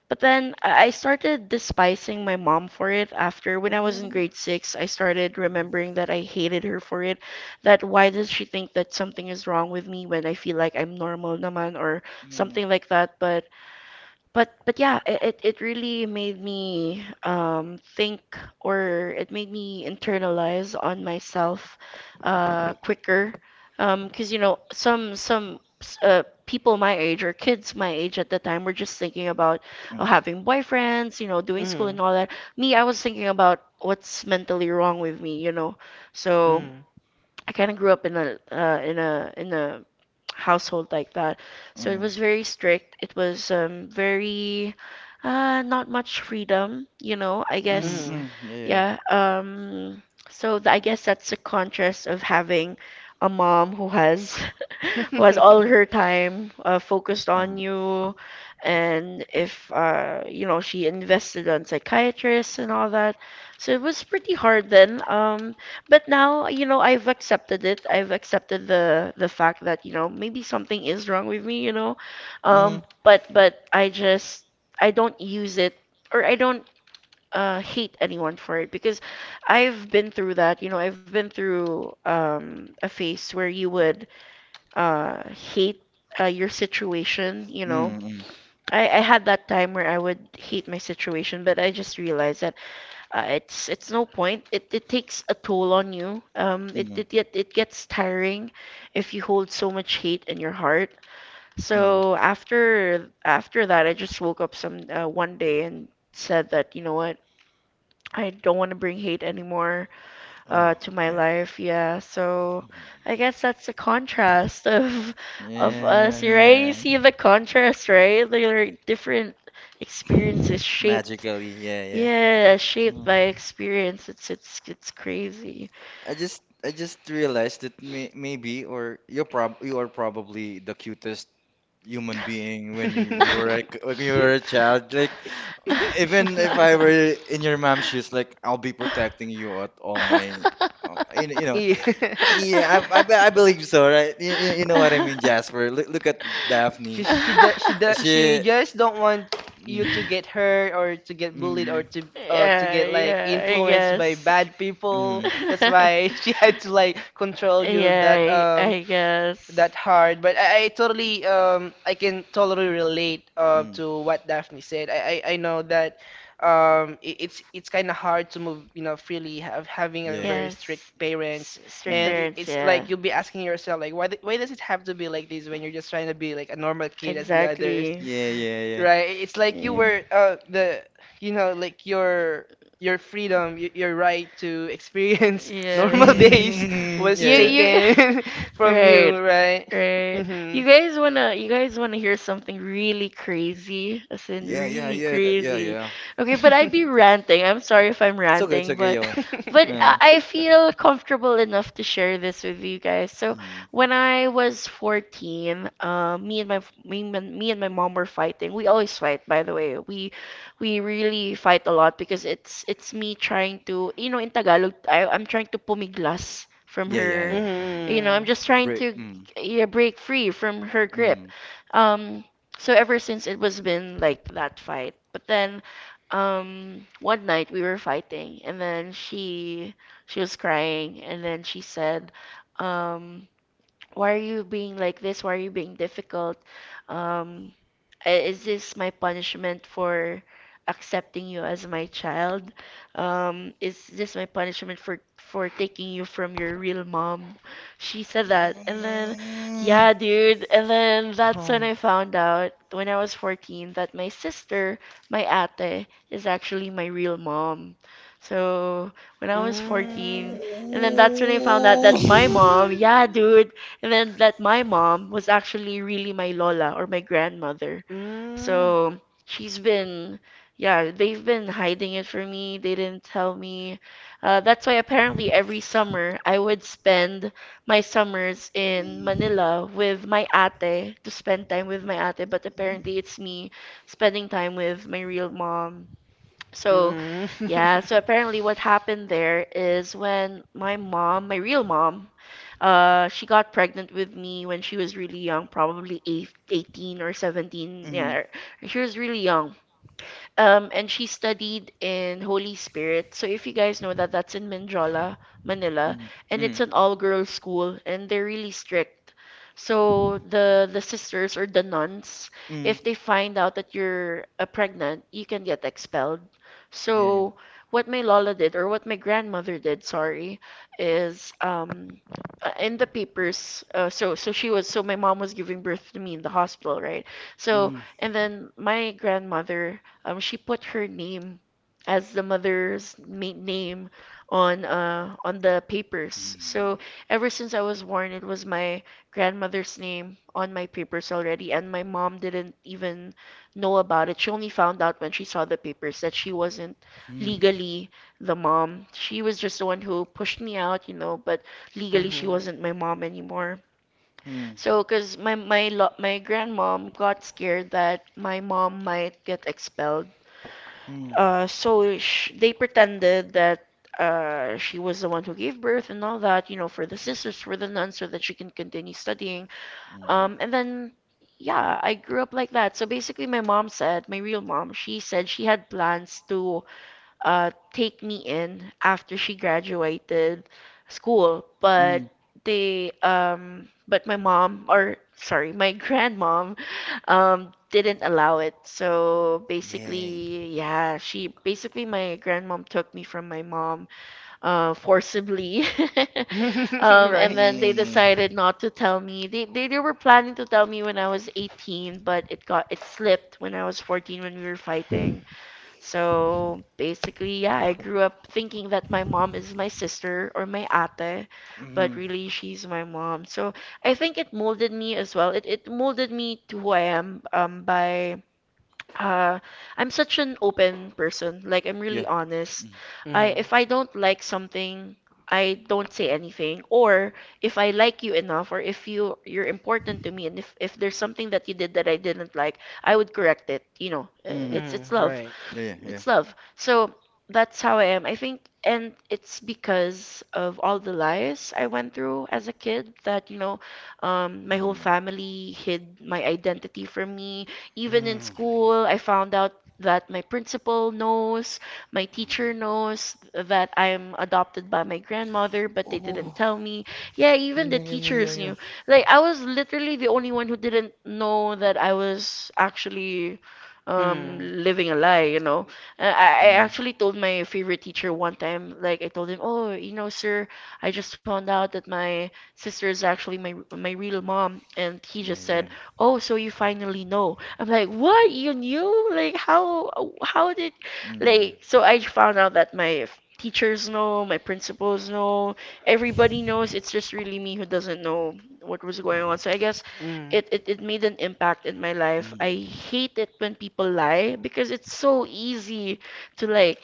But then I started despising my mom for it. After, when I was in
What?
grade six, I started
Mm,
remembering that I hated her for it. That why does she think that something is wrong with me when I feel like I'm normal naman or
mm,
something like that. But yeah, it really made me think, or it made me internalize on myself quicker, because some people my age, or kids my age at the time, were just thinking about
mm,
having boyfriends, doing school and
Hmm.
all that. Me, I was thinking about what's mentally wrong with me. So I kind of grew up in a in a in a household like that, so it
mm,
was very strict. It was very not much freedom. I
mm,
guess,
Hmm.
mm. Yeah, yeah, yeah.
yeah. So I guess that's a contrast of having a mom who has all
Hmm.
her time focused on
Mm,
you, and if, she invested on psychiatrists and all that, so it was pretty hard then. But now, I've accepted the fact that, maybe something is wrong with me.
mm,
But I don't use it, or I don't hate anyone for it, because I've been through that. You know, I've been through a phase where you would hate your situation.
mm, mm,
I had that time where I would hate my situation, but I just realized that it's no point. It takes a toll on you. Um, it
mm,
it get it gets tiring if you hold so much hate in your heart.
mm.
So after that, I just woke up some one day and said that, you know what, I don't want to bring hate anymore,
Oh,
to my
yeah.
life. Yeah, so I guess that's the contrast of us, right? You
Yeah.
see the contrast, right? There are different experiences shaped.
Magically, yeah, yeah.
Yeah, shaped
Mm.
by experience. It's crazy.
I just realized that, maybe, or you are probably the cutest human being
Hmm.
when you were a child. Like, even if I were in your mom's shoes, like, I'll be protecting you at all my, you know.
Yeah.
Yeah, I believe so, right? You know what I mean, Jasper. Look at
She
Daphne.
she do, she do, she
She.
just don't want you to
Mm,
get hurt or to get bullied or
mm,
to
Yeah,
get like
yeah, I
influenced by
guess.
bad people.
mm,
That's why she had to like control you that
Yeah, I,
um
I guess.
that hard, but I can totally relate
mm,
to what Daphne said. I know that it's kind of hard to move you know freely, have having a
yeah,
very
yeah.
strict
Yes.
parents,
Strict
and
Mm,
it,
parents,
it's like
yeah.
you'll be asking yourself like why why does it have to be like this when you're just trying to be like a normal kid as the others,
Exactly.
yeah, yeah, yeah.
right? It's like you
Yeah,
were the you know like your right to experience normal
yeah,
days
Mm,
yeah.
was
yeah,
You,
yeah.
you.
taken from
Right,
you, right?
right.
Hmm.
You guys wanna hear something really crazy, as in
Yeah, yeah,
really
yeah, yeah,
crazy?
yeah.
Okay, but I'd be ranting. I'm sorry if I'm
It's
ranting,
okay,
but,
yeah,
but
yeah.
I I feel comfortable enough to share this with you guys. So
Mm,
when I was 14, me and my mom were fighting. We always fight, by the way. We really fight a lot, because it's me trying to, in Tagalog, I'm trying to pumiglas from
yeah, yeah,
her,
yeah.
you know, I'm
Mhm.
just trying
Break.
to,
Mm.
yeah, break free from her grip.
Mm.
Um, so ever since it was been like that fight. But then one night we were fighting, and then she was crying, and then she said, um, why are you being like this? Why are you being difficult? Um, Is this my punishment for accepting you as my child? Is this my punishment for taking you from your real mom? She said that. And then,
Mm.
yeah, dude. And then that's when I
Oh.
found out, when I was 14, that my sister, my ate, is actually my real mom. So when I was 14,
Mm.
and then that's when I found out that my
oh.
mom, yeah, dude, and then that my mom was actually really my lola, or my grandmother.
Mm.
So she's been, yeah, they've been hiding it from me. They didn't tell me. That's why apparently every summer I would spend my summers in Manila with my ate, to spend time with my ate, but apparently it's me spending time with my real mom. So,
Mm.
yeah, so apparently what happened there is, when my mom, my real mom, she got pregnant with me when she was really young, probably eight, 18, or 17.
Mm,
Yeah, she was really young. And she studied in Holy Spirit. So if you guys know that, that's in Mindrola, Manila,
mm,
and it's
mm,
an all-girls school, and they're really strict. So the sisters, or the nuns,
mm.
if they find out that you're pregnant, you can get expelled.
Yeah.
So what my lola did, or what my grandmother did, sorry, is in the papers, so my mom was giving birth to me in the hospital, right, so,
Mm,
and then my grandmother, she put her name as the mother's name on the papers. So
mm,
ever since I was born, it was my grandmother's name on my papers already, and my mom didn't even know about it. She only found out when she saw the papers that she wasn't
mm,
legally the mom. She was just the one who pushed me out, you know, but legally she
Mhm.
wasn't my mom anymore.
mm,
So, because my grandmom got scared that my mom might get expelled,
mm,
so sh they pretended that, she was the one who gave birth and all that, you know, for the sisters, for the nuns, so that she can continue studying.
mm,
And then, yeah, I grew up like that. So basically, my mom said, my real mom, she said she had plans to take me in after she graduated school,
mm.
but they but my mom, or, sorry, my grandmom, didn't allow it. So
Yeah.
basically, yeah, she basically my grandmom took me from my mom forcibly.
Right.
And then they
Yeah.
decided not to tell me. They were planning to tell me when I was 18, but it slipped when I was 14, when we were fighting. So basically, yeah, I grew up thinking that my mom is my sister, or my ate, but
Mm.
really she's my mom. So I think it molded me as well. It molded me to who I am by uh I'm such an open person. Like, I'm
Yeah.
really honest.
Mm.
I
Mhm.
if I don't like something, I don't say anything. Or if I like you enough, or if you're important to me, and if there's something that you did that I didn't like, I would correct it. You know,
Mm.
it's
Mhm.
it's love,
Right.
Yeah, yeah,
it's
yeah.
love. So that's how I am. I think, and it's because of all the lies I went through as a kid that, my whole
Mm.
family hid my identity from me. Even in
Mm.
school, I found out that my principal knows, my teacher
Mm.
knows that I'm adopted by my grandmother, but they didn't
Oh.
tell me. Yeah, even the
Yeah, yeah, yeah, yeah,
teachers
yeah.
knew. Like, I was literally the only one who didn't know that I was actually
Mhm.
living a lie. I
Mm.
actually told my favorite teacher one time, like I told him, "Oh, you know, sir, I just found out that my sister is actually my real mom." And he
Yeah,
just
yeah.
said, "Oh, so you finally know?" I'm like, "What? You knew? Like how did
Mm.
like so I found out that my teachers know, my principals know, everybody knows. It's just really me who doesn't know what was going on.
Oh.
So I guess
Hmm.
it made an impact in my life. I
Mm.
hate it when people lie because it's so easy to like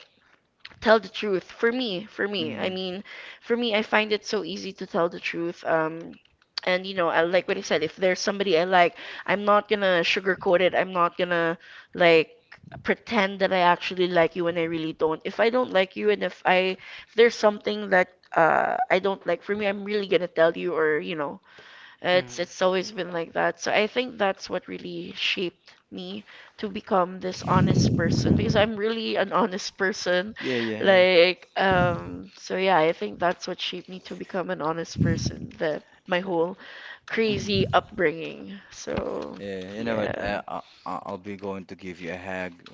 tell the truth. For me, for me, I
Mm.
mean, for me, I find it so easy to tell the truth. And you know, I like what I said. If there's somebody I like, I'm not gonna sugarcoat it. I'm not gonna like pretend that I actually like you when I really don't. If I don't like you, and if there's something that I don't like, for me, I'm really gonna tell you, or you know,
Mm.
it's always been like that. So I think that's what really shaped me to become this honest person because I'm really an honest person.
Yeah, yeah, yeah.
Like, so yeah, I think that's what shaped me to become an honest person, the my whole crazy
Mm.
upbringing. So
Yeah, you know what?
yeah.
I'll be going to give you a hug,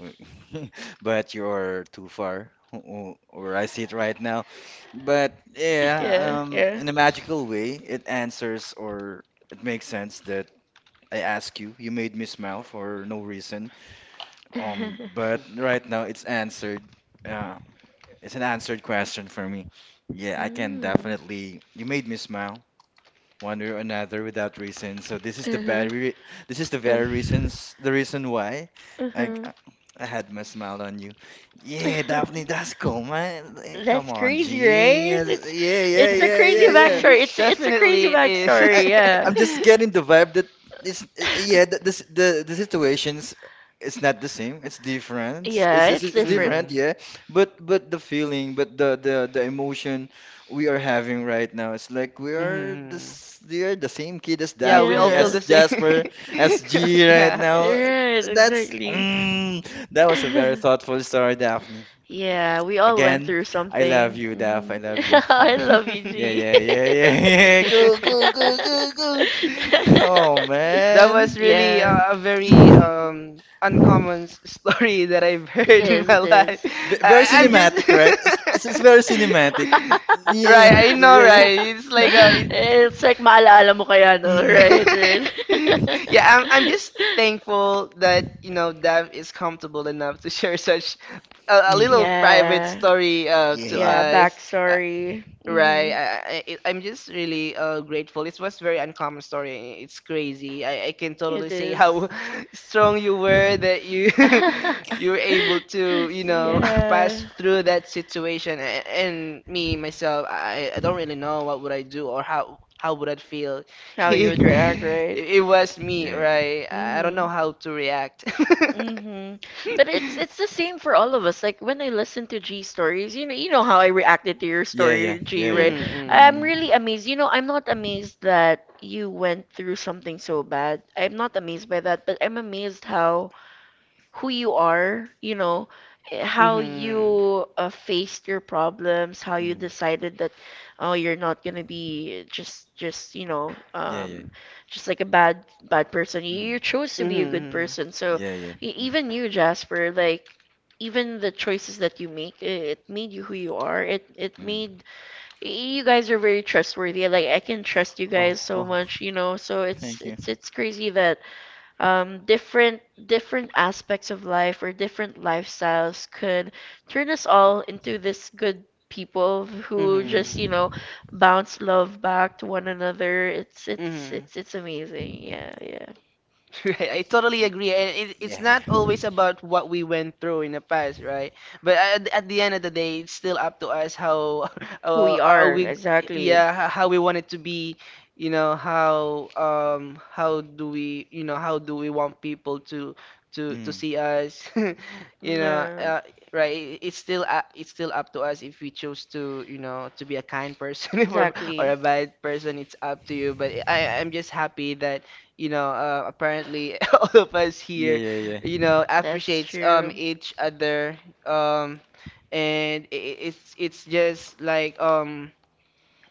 but you're too far, where I see it right now. But yeah,
Yeah, yeah.
in a magical way, it answers, or it makes sense that I ask you. You made me smile for no reason. But right now it's answered. Uh, it's an answered question for me. Yeah, I can
Mm.
definitely. You made me smile one way or another without reason. So this is the
Uh-huh.
very this is the
Uh,
very reasons the reason why I
Uh-huh.
I had my smile on you. Yeah, Daphne, that's cool, man. Come
That's
on,
crazy,
G.
right?
Yeah,
It's
yeah,
it's a
yeah,
crazy
yeah, yeah.
backstory. It's a crazy
Definitely it is.
I,
backstory,
I'm
yeah.
just getting the vibe that, it's, yeah, the the the, the situations, it's not the same. It's different.
Yeah,
It's, it's
it's
it's
different.
different,
Mm.
yeah. But the feeling, but the emotion we are having right now, it's like
Mhm.
we are the same kid as
Yeah, we all
Daphne,
feel
Yeah.
as
the same.
Jasper, as G right
Yeah.
now.
Right,
That's
exactly.
mm, that was a very thoughtful story, Daphne.
Yeah, we all went
Again,
through
I love
something.
you,
Hmm.
Daph. I love you,
I
Sandra.
love you,
Yeah,
G.
yeah, yeah, yeah, yeah. Go, go, go, go, go. Oh,
That
man.
was really
Yeah.
a very uncommon story that I've
It
heard in
is,
my
it
life.
is.
Very
I'm
Yeah.
just
cinematic, right? It's, it's, it's very cinematic. Mm, yeah,
right.
yeah,
I
yeah,
know,
yeah, yeah.
right? It's like a.
Mm,
It's like maalala mo kaya,
mm,
no? Right,
mm,
right.
Yeah, I'm. I'm just thankful that you know Dav is comfortable enough to share such a little
mm.
private
Yeah.
story
Yeah,
to
yeah.
Yeah,
us. Uh,
backstory.
Right.
Mm-hmm.
I'm just really grateful. It was very uncommon story. It's crazy. I can
It
totally see
is.
how strong you were that you you were able to, you know,
Yeah.
pass through that situation. And me myself, I don't really know what would I do or how would I feel
How you
if
would react,
Mm,
right?
it was me,
yeah, yeah.
right? I don't
Mm-hmm.
know how to react.
Mm-hmm. But it's the same for all of us. Like when I listen to G stories, you know how I reacted to your
Yeah, yeah,
story, G,
yeah,
right?
yeah.
Mm-hmm,
I'm
mm.
really
Mm,
amazed. You know, I'm not amazed that you went through something so bad. I'm not amazed by that, but I'm amazed how who you are, how
Mm-hmm.
you faced your problems, how you
mm.
decided that oh you're not gonna be just
Yeah, yeah.
just like a bad person. You
Mm,
chose to be a good
Mm-hmm.
person. So
yeah, yeah.
e-
Mm,
even you, Jasper, like even the choices that you make, it made you who you are. It
mm.
made you guys are very trustworthy. Like I can trust you
Oh,
guys so
oh,
much, you know. So it's
thank you.
it's it's crazy that different aspects of life or different lifestyles could turn us all into this good people who just
Mm-hmm.
Mm,
bounce love back to one another. it's it's
Mm-hmm.
it's it's amazing. Yeah, yeah,
Right, I totally agree, and it's
yeah,
not
yeah.
always about what we went through in the past, right? But at the end of the day, it's still up to us how
who we
are
are.
we,
Exactly,
yeah, how we want it to be, you know, how do we, you know, how do we want people to to
Mm,
see us, you know,
yeah.
right? It's still up to us if we choose to, you know, to be a kind person or
Exactly,
a bad person. It's up to you. But I'm just happy that you know, apparently all of us
yeah,
here,
yeah, yeah.
you know,
that's
appreciates
true.
each other um and it's just like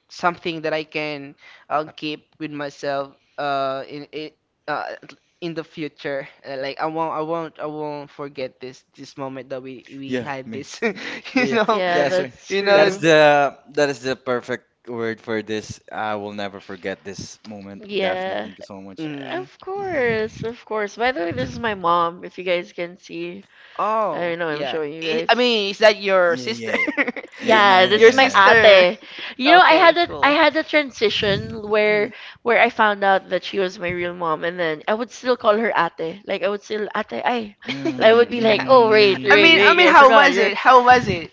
something that I can keep with myself uh in it uh in the future. Like I won't forget this moment that we
Yeah,
had
me.
this
Mm. Yeah,
you
yeah,
know
Yeah,
yeah, sir.
that's
you
That
know
is
true.
the that is the perfect word for this. I will never forget this moment. Daphne,
Yeah,
thank you so much.
th-
of course, of course. By the way, this is my mom, if you guys can see.
Oh,
I know I'm
yeah.
showing you
I
guys.
mean, is that your sister?
Yeah, yeah, and
Yeah, this
Your
is my
sister.
ate. You know, I
Okay,
had a, I
cool.
had a transition where
mm,
where I found out that she was my real mom, and then I would still call her ate. Like I would still ate. I would
mm,
be like,
Yeah.
oh wait,
I
wait,
mean,
mm,
I
wait,
mean,
I
how
forgot.
was
You're
it? How was it?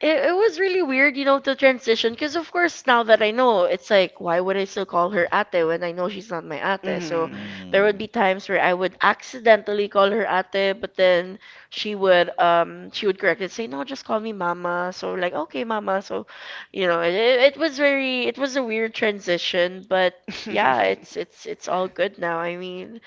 it was really weird, to transition because of course now that I know, it's like why would I still call her ate when I know she's not my ate? So
Mm.
there would be
mm,
times where I would accidentally call her ate, but then she would correct it, say no, just call me mama. So like okay, mama. So you know, it was a weird transition, but yeah, it's all good now. I mean,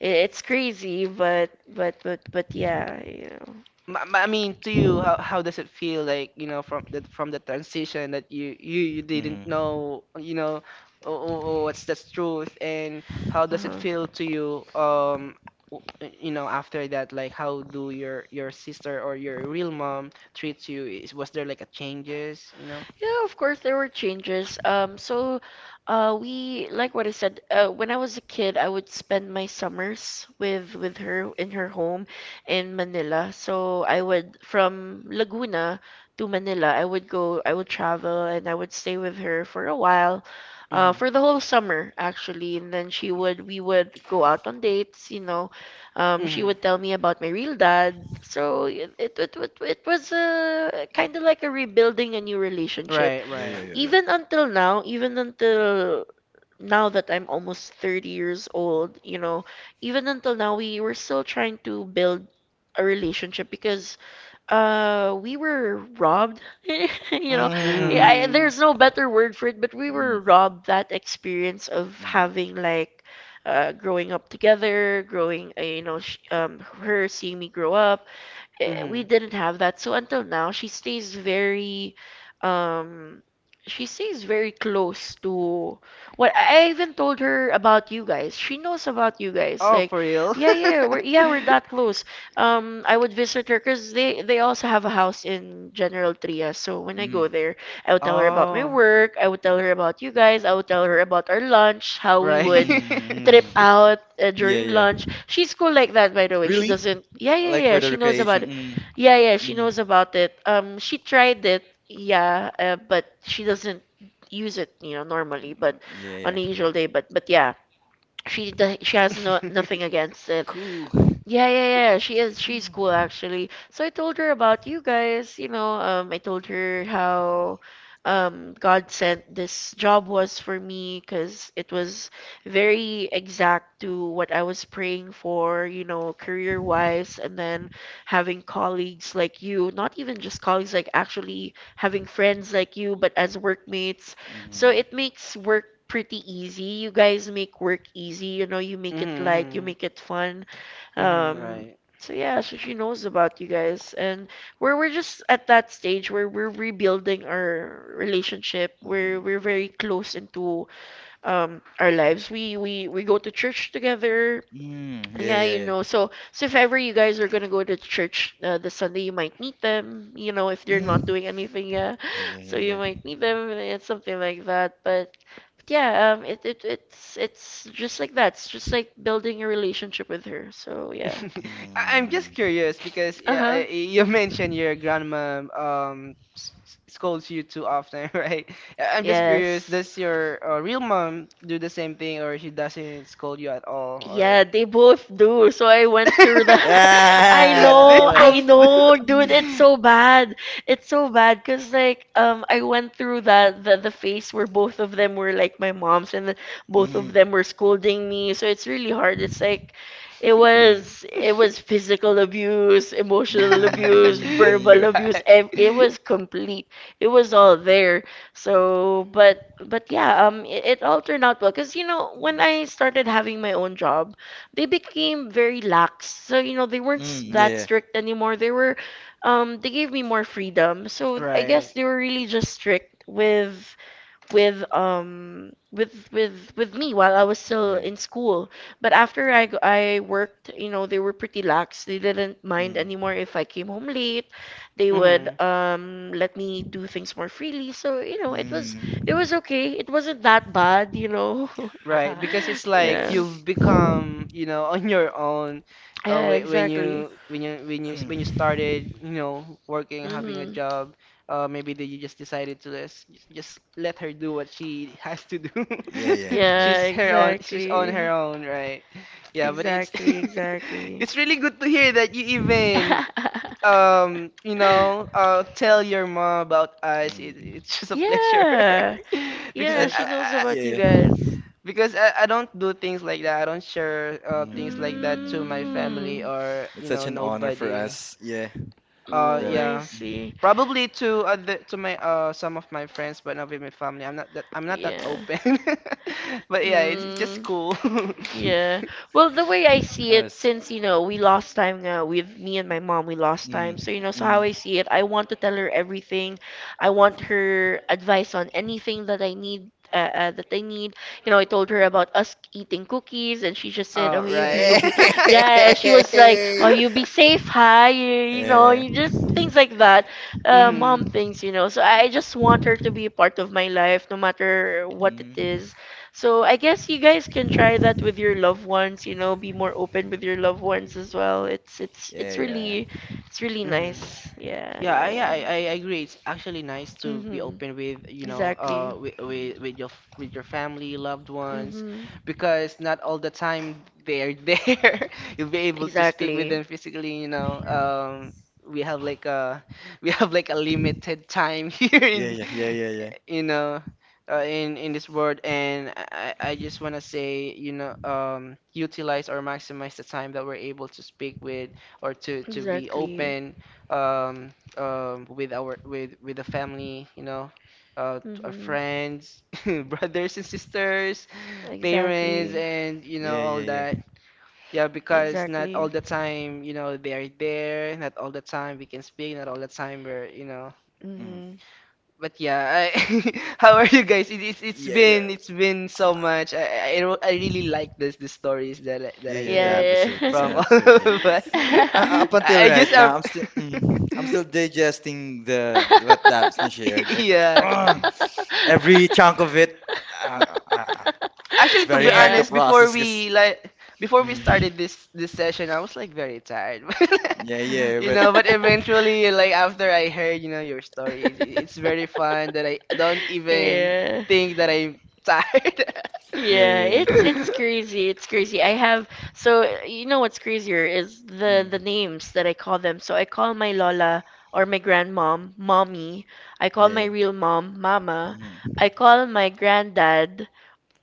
it's crazy, but yeah.
I mean, to you, how does it feel like, you know, from the transition that you didn't
mm.
know, you know, oh, what's the truth, and how does it
Uh-huh.
feel to you, w- you know, after that, like how do your sister or your real mom treats you? Is was there like a changes, you know.
Yeah, of course there were changes. So, we like what I said. When I was a kid, I would spend my summers with her in her home in Manila. So I would from Laguna to Manila. I would go. I would travel and I would stay with her for a while,
Mhm.
for the whole summer actually. And then she would we would go out on dates, she
Mhm.
would tell me about my real dad. So it was kind of like a rebuilding a new relationship.
Right,
Yeah,
right.
yeah, yeah, yeah.
Even until now that I'm almost 30 years old, you know, even until now we were still trying to build a relationship because we were robbed.
Mhm.
Mm,
Yeah,
Mhm.
there's no better word for it but we were
mm,
robbed that experience of
mm,
having like growing up together, growing you know sh her seeing me grow up, we didn't have that. So until now, um, she stays very close to what I even told her about you guys. She knows about you guys.
Oh,
Like,
for real?
yeah, yeah, yeah, we're that close. I would visit her because they also have a house in General Trias. So when I
mm,
go there, I would tell her about my
Oh.
work. I would tell her about you guys. I would tell her about our lunch, how we
Right.
would
mm,
trip
mm.
out
Yeah,
during
yeah.
lunch. She's cool like that, by the way. She
Really?
doesn't. Yeah, yeah,
Like
yeah.
for the
She knows about
recreation.
it.
Mm,
Yeah, yeah. She
mm.
knows about it. She tried it. Yeah, but she doesn't use it, normally, but
Yeah, yeah.
on a usual day. But yeah, she has no nothing against it.
Cool.
Yeah, yeah, yeah. She's cool
Mm,
actually. So I told her about you guys, I told her how God sent this job was for me 'cause it was very exact to what I was praying for, you know, career-wise and then having colleagues like you, not even just colleagues like actually having friends like you, but as workmates. So
mm,
it makes work pretty easy. You guys make work easy, you know, you make it light, you
Mhm.
make it fun,
Mhm. Mhm,
um,
right.
so yeah, so she knows about you guys, and we're just at that stage where we're rebuilding our relationship. We're
mm.
we're very close into our lives. We go to church together.
Mm, yeah,
Yeah,
yeah,
you know.
yeah.
So if ever you guys are gonna go to church this Sunday, you might meet them. You know, if they're not
Mm,
doing anything, yeah.
yeah, yeah,
So
yeah,
you
yeah.
might meet them and something like that. But yeah, it's just like that. It's just like building a relationship with her. So yeah.
I'm just
Mm,
curious because yeah,
Uh-huh.
you mentioned your grandma scolds you too often, right? I'm just
mm.
curious,
Yes.
does your real mom do the same thing or she doesn't scold you at all or
Yeah, they both do. So I went through that.
Ah,
they
uh,
I
both
know, dude,
mm,
it's
do.
so bad. It's so bad. Cause like I went through that the phase where both of them were like my moms and then both
mm,
of them were scolding me. So it's really hard. It's like it
mm,
was it was physical abuse, emotional abuse, verbal
mm,
abuse. It was complete. It was all there. So, but yeah, it all turned out well. Cause when
mm,
I started having my own job, they became very lax. So they weren't
mm,
that
yeah,
strict anymore. They gave me more freedom.
Right.
So I
Right.
guess they were really just strict with me while I was still
yeah,
in school. But after I worked, they were pretty lax. They didn't mind
mm,
anymore if I came home late. They would
Mhm.
let me do things more freely. So, it was it
mm.
was okay. It wasn't that bad.
Right, because it's like
Yeah.
you've become, you know, on your own
Yeah, exactly.
when you
Mm,
started, you know, working, having a
Hmm.
job, maybe that you just decided to just let her do what she has to do.
yeah, yeah, yeah.
Yeah,
She's her own, she's on her
exactly.
own, right? Yeah, but it's
Exactly, exactly.
it's really good to hear that you even you know, tell your mom about us. It,
Mm.
it's just a pleasure
Yeah,
because
yeah,
And
I,
she knows
I-
about you
yeah, yeah.
guys.
because I, I don't do things like that. I don't share things like that to my
Mm,
family
Mm.
or
it's
you know
such an honor for
nobody.
us. Yeah,
Oh,
definitely.
I
Yeah,
see.
Mm,
probably to other to my some of my friends, but not with my family. I'm not that
Yeah.
open.
Ka
But yeah, it's just
Mm.
cool.
Yeah. Well, the way I see
that
it,
was.
since we lost time now with me and my mom, we lost time.
Mm,
So how I
mm.
see it, I want to tell her everything. I want her advice on anything that I need. You know, I told her about us eating cookies, and she just said,
All
"Oh,
right.
you
Yeah.
be, yeah." She was like, "Oh, you be safe, hi." You know,
Yeah.
you just things like that,
Mhm.
mom
Mm.
things. You know, so I just want her to be a part of my life, no matter what it
Mm,
is so I guess you guys can try that with your loved ones, you know, be more open with your loved ones as well. It's it's
yeah,
it's
yeah,
really it's really
Mhm.
nice. Yeah,
Yeah, I,
yeah,
yeah,
yeah.
I, I agree. It's actually nice to be
Mhm.
open with, you know,
Exactly.
uh, with, with, with
mm,
your f- with your family, loved ones,
Mhm.
because not all the time they're there. You'll be able to speak with
Exactly.
them physically, you know. We have like a we have like a limited time here
yeah,
in,
yeah, yeah, yeah,
you know, in this world, and I just wanna say, you know, utilize or maximize the time that we're able to speak with or to be
Exactly.
open. Um, with our with the family, you know, our
Mhm.
friends, brothers and sisters, parents,
Exactly.
and you know
yeah, yeah,
all
yeah, yeah,
that. Yeah, because not
Exactly.
all the time, you know, they are there. Not all the time we can speak. Not all the time we're, you know,
mm,
Mhm.
but yeah, I, how are you guys? It, it's it's
yeah, yeah,
been it's been so much. I really like this the stories that
yeah,
that I
yeah.
heard
Yeah,
This
from all
episode, yeah.
of us.
yeah.
Up until
I
right
just
now, I'm still digesting the what Daphne shared. Like,
yeah.
ah, every chunk of it, uh, uh, uh, it's
Actually, to be
very hard to
Yeah.
honest, before
process. 'Cause,
we like before we
mm,
started this session, I was like very tired.
yeah, yeah,
You
but
know, but eventually, like after I heard, you know, your stories, it's very fun that I don't even
Yeah.
think that I'm tired.
yeah,
Yeah,
yeah,
it's crazy. It's crazy. I have so You know what's crazier is the
mm,
names that I call them. So I call my Lola or my grandmom, mommy. I call
yeah,
my real mom, mama.
mm,
I call my granddad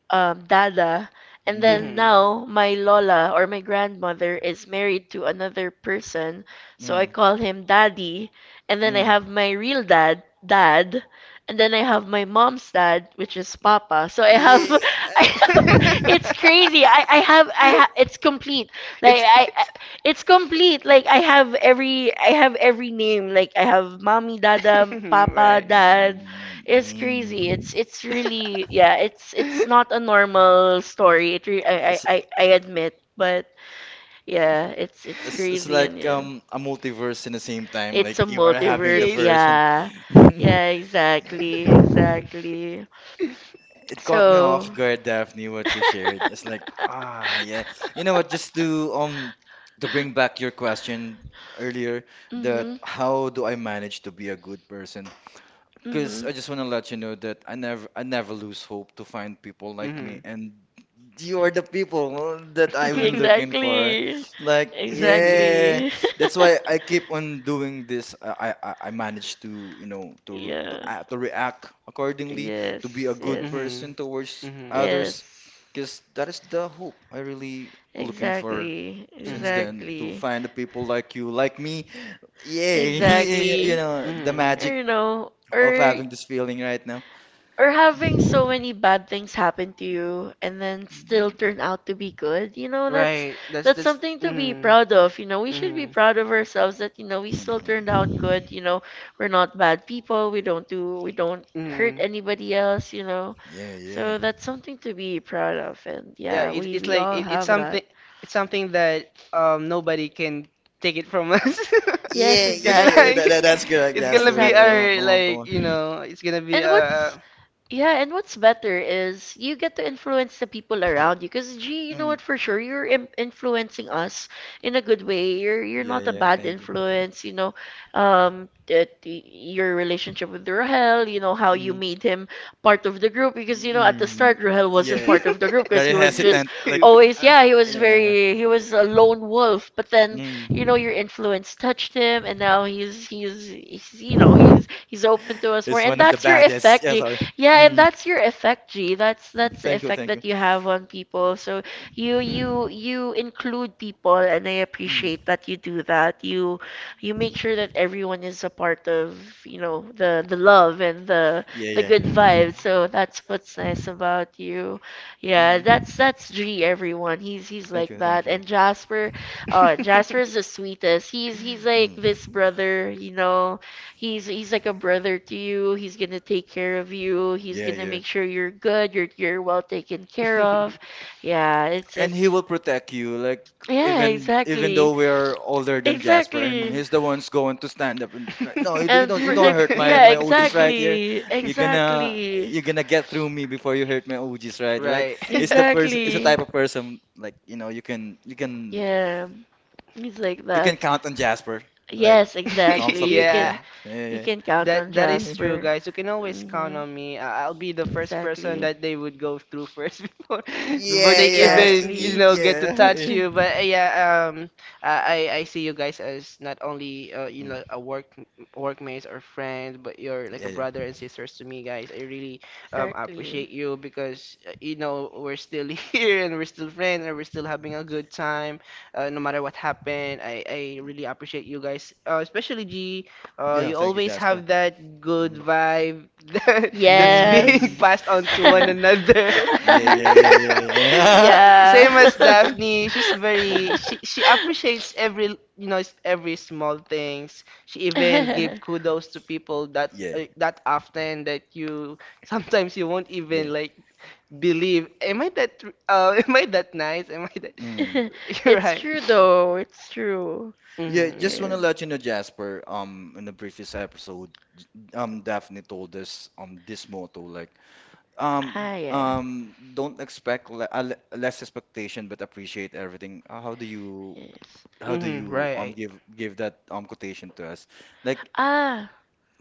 Dada. And
yeah,
then
Mhm.
now my Lola or my grandmother is married to another person, so I
mm,
call him Daddy. And then I
mm,
have my real dad, Dad. And then I have my mom's dad, which is Papa. So I have, I
yeah.
have, it's crazy. I have, it's complete.
it's
Like I,
it's
it's complete. Like I have I have every name. Like I have mommy, dada, papa,
right.
dad, it's
Mm,
crazy. It's really yeah. It's not a normal story. I, I
mm.
I I admit, but yeah, it's
It's
crazy and
like
yeah.
a multiverse in the same time. Like,
It's a
you are having the
multiverse,
Yes.
version.
yeah. Yeah,
Yeah,
exactly, exactly.
it caught me off
So.
guard, Daphne, what you shared. It's like, yeah. You know what? Just to bring back your question earlier, that,
mhm.
how do I manage to be a good person? Because
Mhm.
I just want to let you know that I never lose hope to find people like me,
Mhm.
and you are the people that I've been looking for.
Exactly. Like,
Like,
that's
yeah, that's why I keep on doing this. I managed to,
it, you
to
know. Yeah.
act, to react accordingly, to be a good
Mhm.
person towards
Mhm.
Yes.
others, because that is
this
the hope I really looking for
Exactly.
since
Mhm.
like
then, to find the people like you, like me.
me.
Yeah,
Yay! Exactly.
you know the
Mhm.
magic
You know, the
of having this feeling right now.
or having so many bad things happen to you and then still
Mhm.
turn out to be good,
Right. That's
that's
that's.
something to be
Mhm.
proud of. We should be
Mhm.
proud of ourselves that, we still turned out good. We're not bad people. We don't hurt
Mhm.
anybody else,
Yeah, yeah.
so that's something to be proud of. And
Yeah,
yeah,
it's it's
we
like
all
it, it's
have that.
something that nobody can take it from us.
Yes,
Yeah,
It's
yeah, yeah.
exactly,
like
That's good,
it's gonna
Jasper.
be
exactly.
Come
our
come on, come
like
on.
you know it's gonna be
and what's
our.
Yeah, and what's better is you get to influence the people around you. Because, gee, you know
Mm.
what, for sure, you're im influencing us in a good way. You're
Yeah,
not a
yeah.
bad
Thank you.
influence, you know. That your relationship with Rahel, you know, how you
Mm.
made him part of the group. Because, you know, at the
Mm.
start, Rahel wasn't
Yeah,
part of the group because
very
he was
hesitant.
just
Like,
always,
uh,
yeah, he was
yeah.
very, he was a lone wolf. But then, you know, your
Mm.
influence touched him and now he's, you know, he's open to us more
It's one
and
of the
that's your
baddest.
effect,
Yeah,
G.
sorry. Mm.
That's the
Thank you,
effect
thank you.
that you have on people. So you include people and I appreciate
Mm.
that you do that. You make sure that everyone is a part of, you know, the love and
Yeah,
the good
Mm.
yeah.
Mhm.
vibes. So that's what's nice about you. Yeah,
Mm.
that's G everyone. He's
Thank
like
you,
that.
thank you.
And Jasper, Jasper's the sweetest. He's like
Mm.
this brother, you know. He's like a brother to you. He's gonna take care of you. He's
Yeah,
gonna
yeah.
make sure you're good, you're well taken care of. Yeah,
And he
it's
will protect you, like,
Yeah,
even
exactly.
though we're older than Jasper, and
Exactly.
he's the ones going to stand up and, like, no,
And
you don't
protect
hurt
Yeah,
my OGs right here.
exactly.
you're gonna
Exactly.
you're gonna get through me before you hurt my OGs, right? Like,
Right.
it's the
Exactly.
type of person, like, you can you can
Yeah, it's like
you
that.
can count on Jasper like
Yes, exactly.
comfortably. Yeah,
Yeah.
yeah,
You
yeah,
can count
That
on
that
yeah,
is true,
Jasper.
guys. You can always count
Hmm
on me. I'll be the first person
Exactly.
that they would go through first before
yeah,
they
yeah,
even you
Exactly.
know get to
yeah,
touch
yeah,
you. But yeah, I see you guys as not only you know a workmates or friends, but you're like
yeah,
a
yeah,
brother and sisters to me, guys. I really
Exactly.
appreciate you because you know we're still here and we're still friends and we're still having a good time, no matter what happened. I really appreciate you guys, especially G.
yeah.
You
Thank you,
always
Jasper.
have that good
Mm.
vibe that's being
Mm.
Yes.
passed on to one
Mm.
another.
Yeah, yeah, yeah, yeah, yeah.
Yeah.
Same as
Thank you.
Daphne, she's
Mm.
very she she appreciates every you know every small things. She even give kudos to people that
Yeah,
that often that you sometimes you won't
yeah.
even like believe. Am I that am I that nice? Am I that?
Mm.
You're
It's
right.
true though. It's true.
Yeah,
Hmm.
just
Yeah.
wanna let you know, Jasper, in the previous episode, Daphne told us this motto, like,
Ah, yeah.
don't expect, le le less expectation, but appreciate everything. How do you,
Yes.
Mm-hmm, right.
give that quotation to us? Like,
Ah.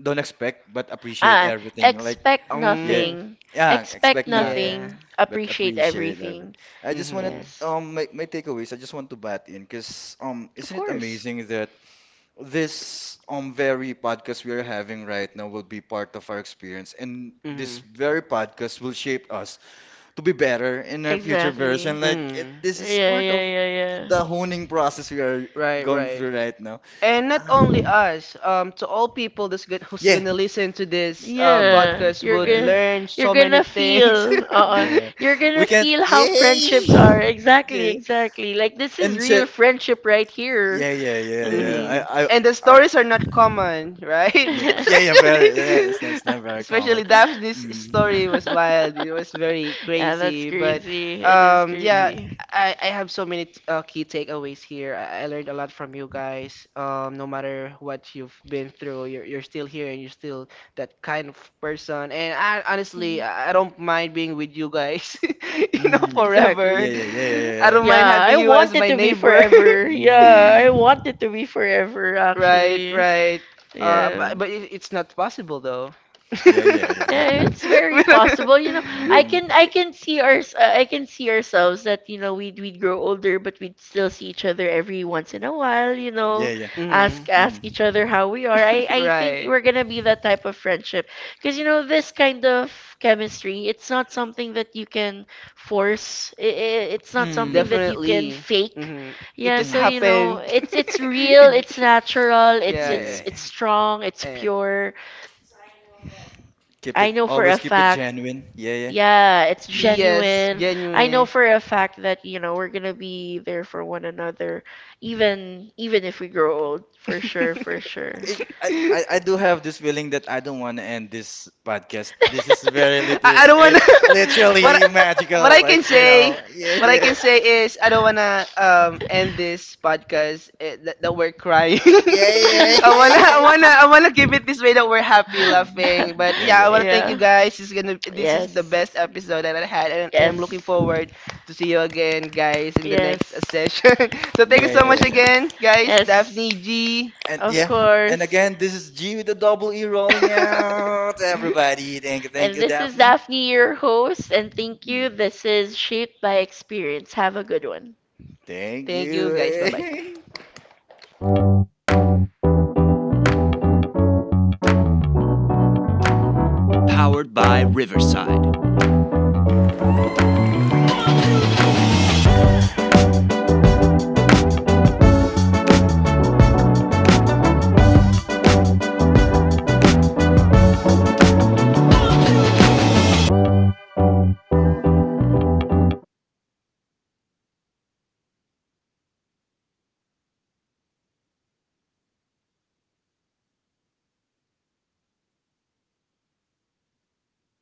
don't expect, but appreciate
Ah,
everything. Like,
expect
yeah,
Um,
nothing.
yeah,
Expect
expect nothing,
yeah.
nothing.
but
Appreciate
appreciate everything.
everything.
I just wanted
Mm-hmm,
Yes.
my takeaways. I just want to bat in, because
Of
isn't it
course.
amazing that this very podcast we are having right now will be part of our experience, and this
mm-hmm.
very podcast will shape us to be better in our future
Exactly.
version. Like, it,
Mm.
this is
Yeah,
part
yeah,
of
yeah, yeah.
the honing process we are
Right,
going
right.
through right now.
And not only us, to all people that's who's
Yeah.
gonna listen to this
Mm.
Yeah,
podcast
Yeah.
would
Yeah.
learn
you're
so many
gonna
things.
feel,
Yeah.
you're
We
gonna
can.
feel how
Yay!
friendships are. Exactly,
Yeah.
exactly. Like this is
And
real
shit.
friendship right here.
Yeah, yeah, yeah,
Hmm
Hmm.
yeah.
And the
I, I
stories are not common, right?
yeah,
yeah,
yeah, yeah, very. Yeah, yeah, it's
Especially,
that's not very common.
especially Daphne's story
Mm,
was wild. It was very
that's
crazy. But
crazy. It is
yeah,
no.
crazy.
I have so many key takeaways here. I learned a lot from you guys. No matter what you've been through, you're still here and you're still that kind of person. And I, honestly,
Mhm.
I don't mind being with you guys, you know,
Mm,
forever.
yeah,
Exactly.
yeah, yeah, yeah,
I
yeah,
don't
yeah.
mind
Yeah,
having
I
you
want
as
it
my
to be
neighbor.
forever. Yeah, I
Mm,
want it to be forever,
Right,
actually. Right.
right.
Yeah.
But it's not possible though.
yeah, yeah, yeah,
Yeah,
yeah.
it's very
But-
possible. You know,
Mm,
I can see our I can see ourselves that, you know, we'd grow older, but we'd still see each other every once in a while. You
yeah,
know,
yeah.
Mhm.
ask
Mm,
each other how we are. I think
Right.
we're gonna be that type of friendship because, you know, this kind of chemistry, it's not something that you can force. I It's not
mm,
something that you can
Definitely.
fake.
Hmm. It
Yeah,
just
so, you
mm,
know,
happened.
it's real.
It
It's
j-
natural.
yeah,
yeah.
yeah,
It's strong. It's
yeah. Eh,
pure.
Keep it.
I know for a
Always keep it
fact,
genuine. Yeah, yeah.
yeah, it's
yes,
genuine. I know
genuine.
for a fact that, you know, we're gonna be there for one another, even even if we grow old, for sure, for sure.
I do have this feeling that I don't want to end this podcast. This is
I don't wanna. what
literally
what
magical.
I can
Like, you know.
say,
Yeah,
what I
yeah,
can say is I don't wanna end this podcast eh, that we're crying.
yeah, yeah, yeah, yeah.
I wanna keep it this way that we're happy laughing.
Mm,
But
yeah,
yeah, I
yeah,
wanna thank you
Yeah.
guys. This is the best
Yes.
episode that I had, and I'm looking
Yes.
forward to see you again, guys, in the next
Yes.
session. So thank you
yeah, yeah,
so
yeah,
much
yeah.
again, guys.
Yes.
Daphne, G.
And
Of
yeah, and
course.
again, this is G with the double E, rolling out. Everybody,
And
thank you,
this is
Daphne.
Daphne, your host, and thank you.
Mm.
This is Shaped by Experience. Have a good one.
Thank
Thank you, guys. Bye bye.
you.
Bye guys! Job! Sayang yung umiyak si Daphne. Very good. Good job. Maglagaw ta. Lagot. Maglagaw kayo. Yung Station nyo.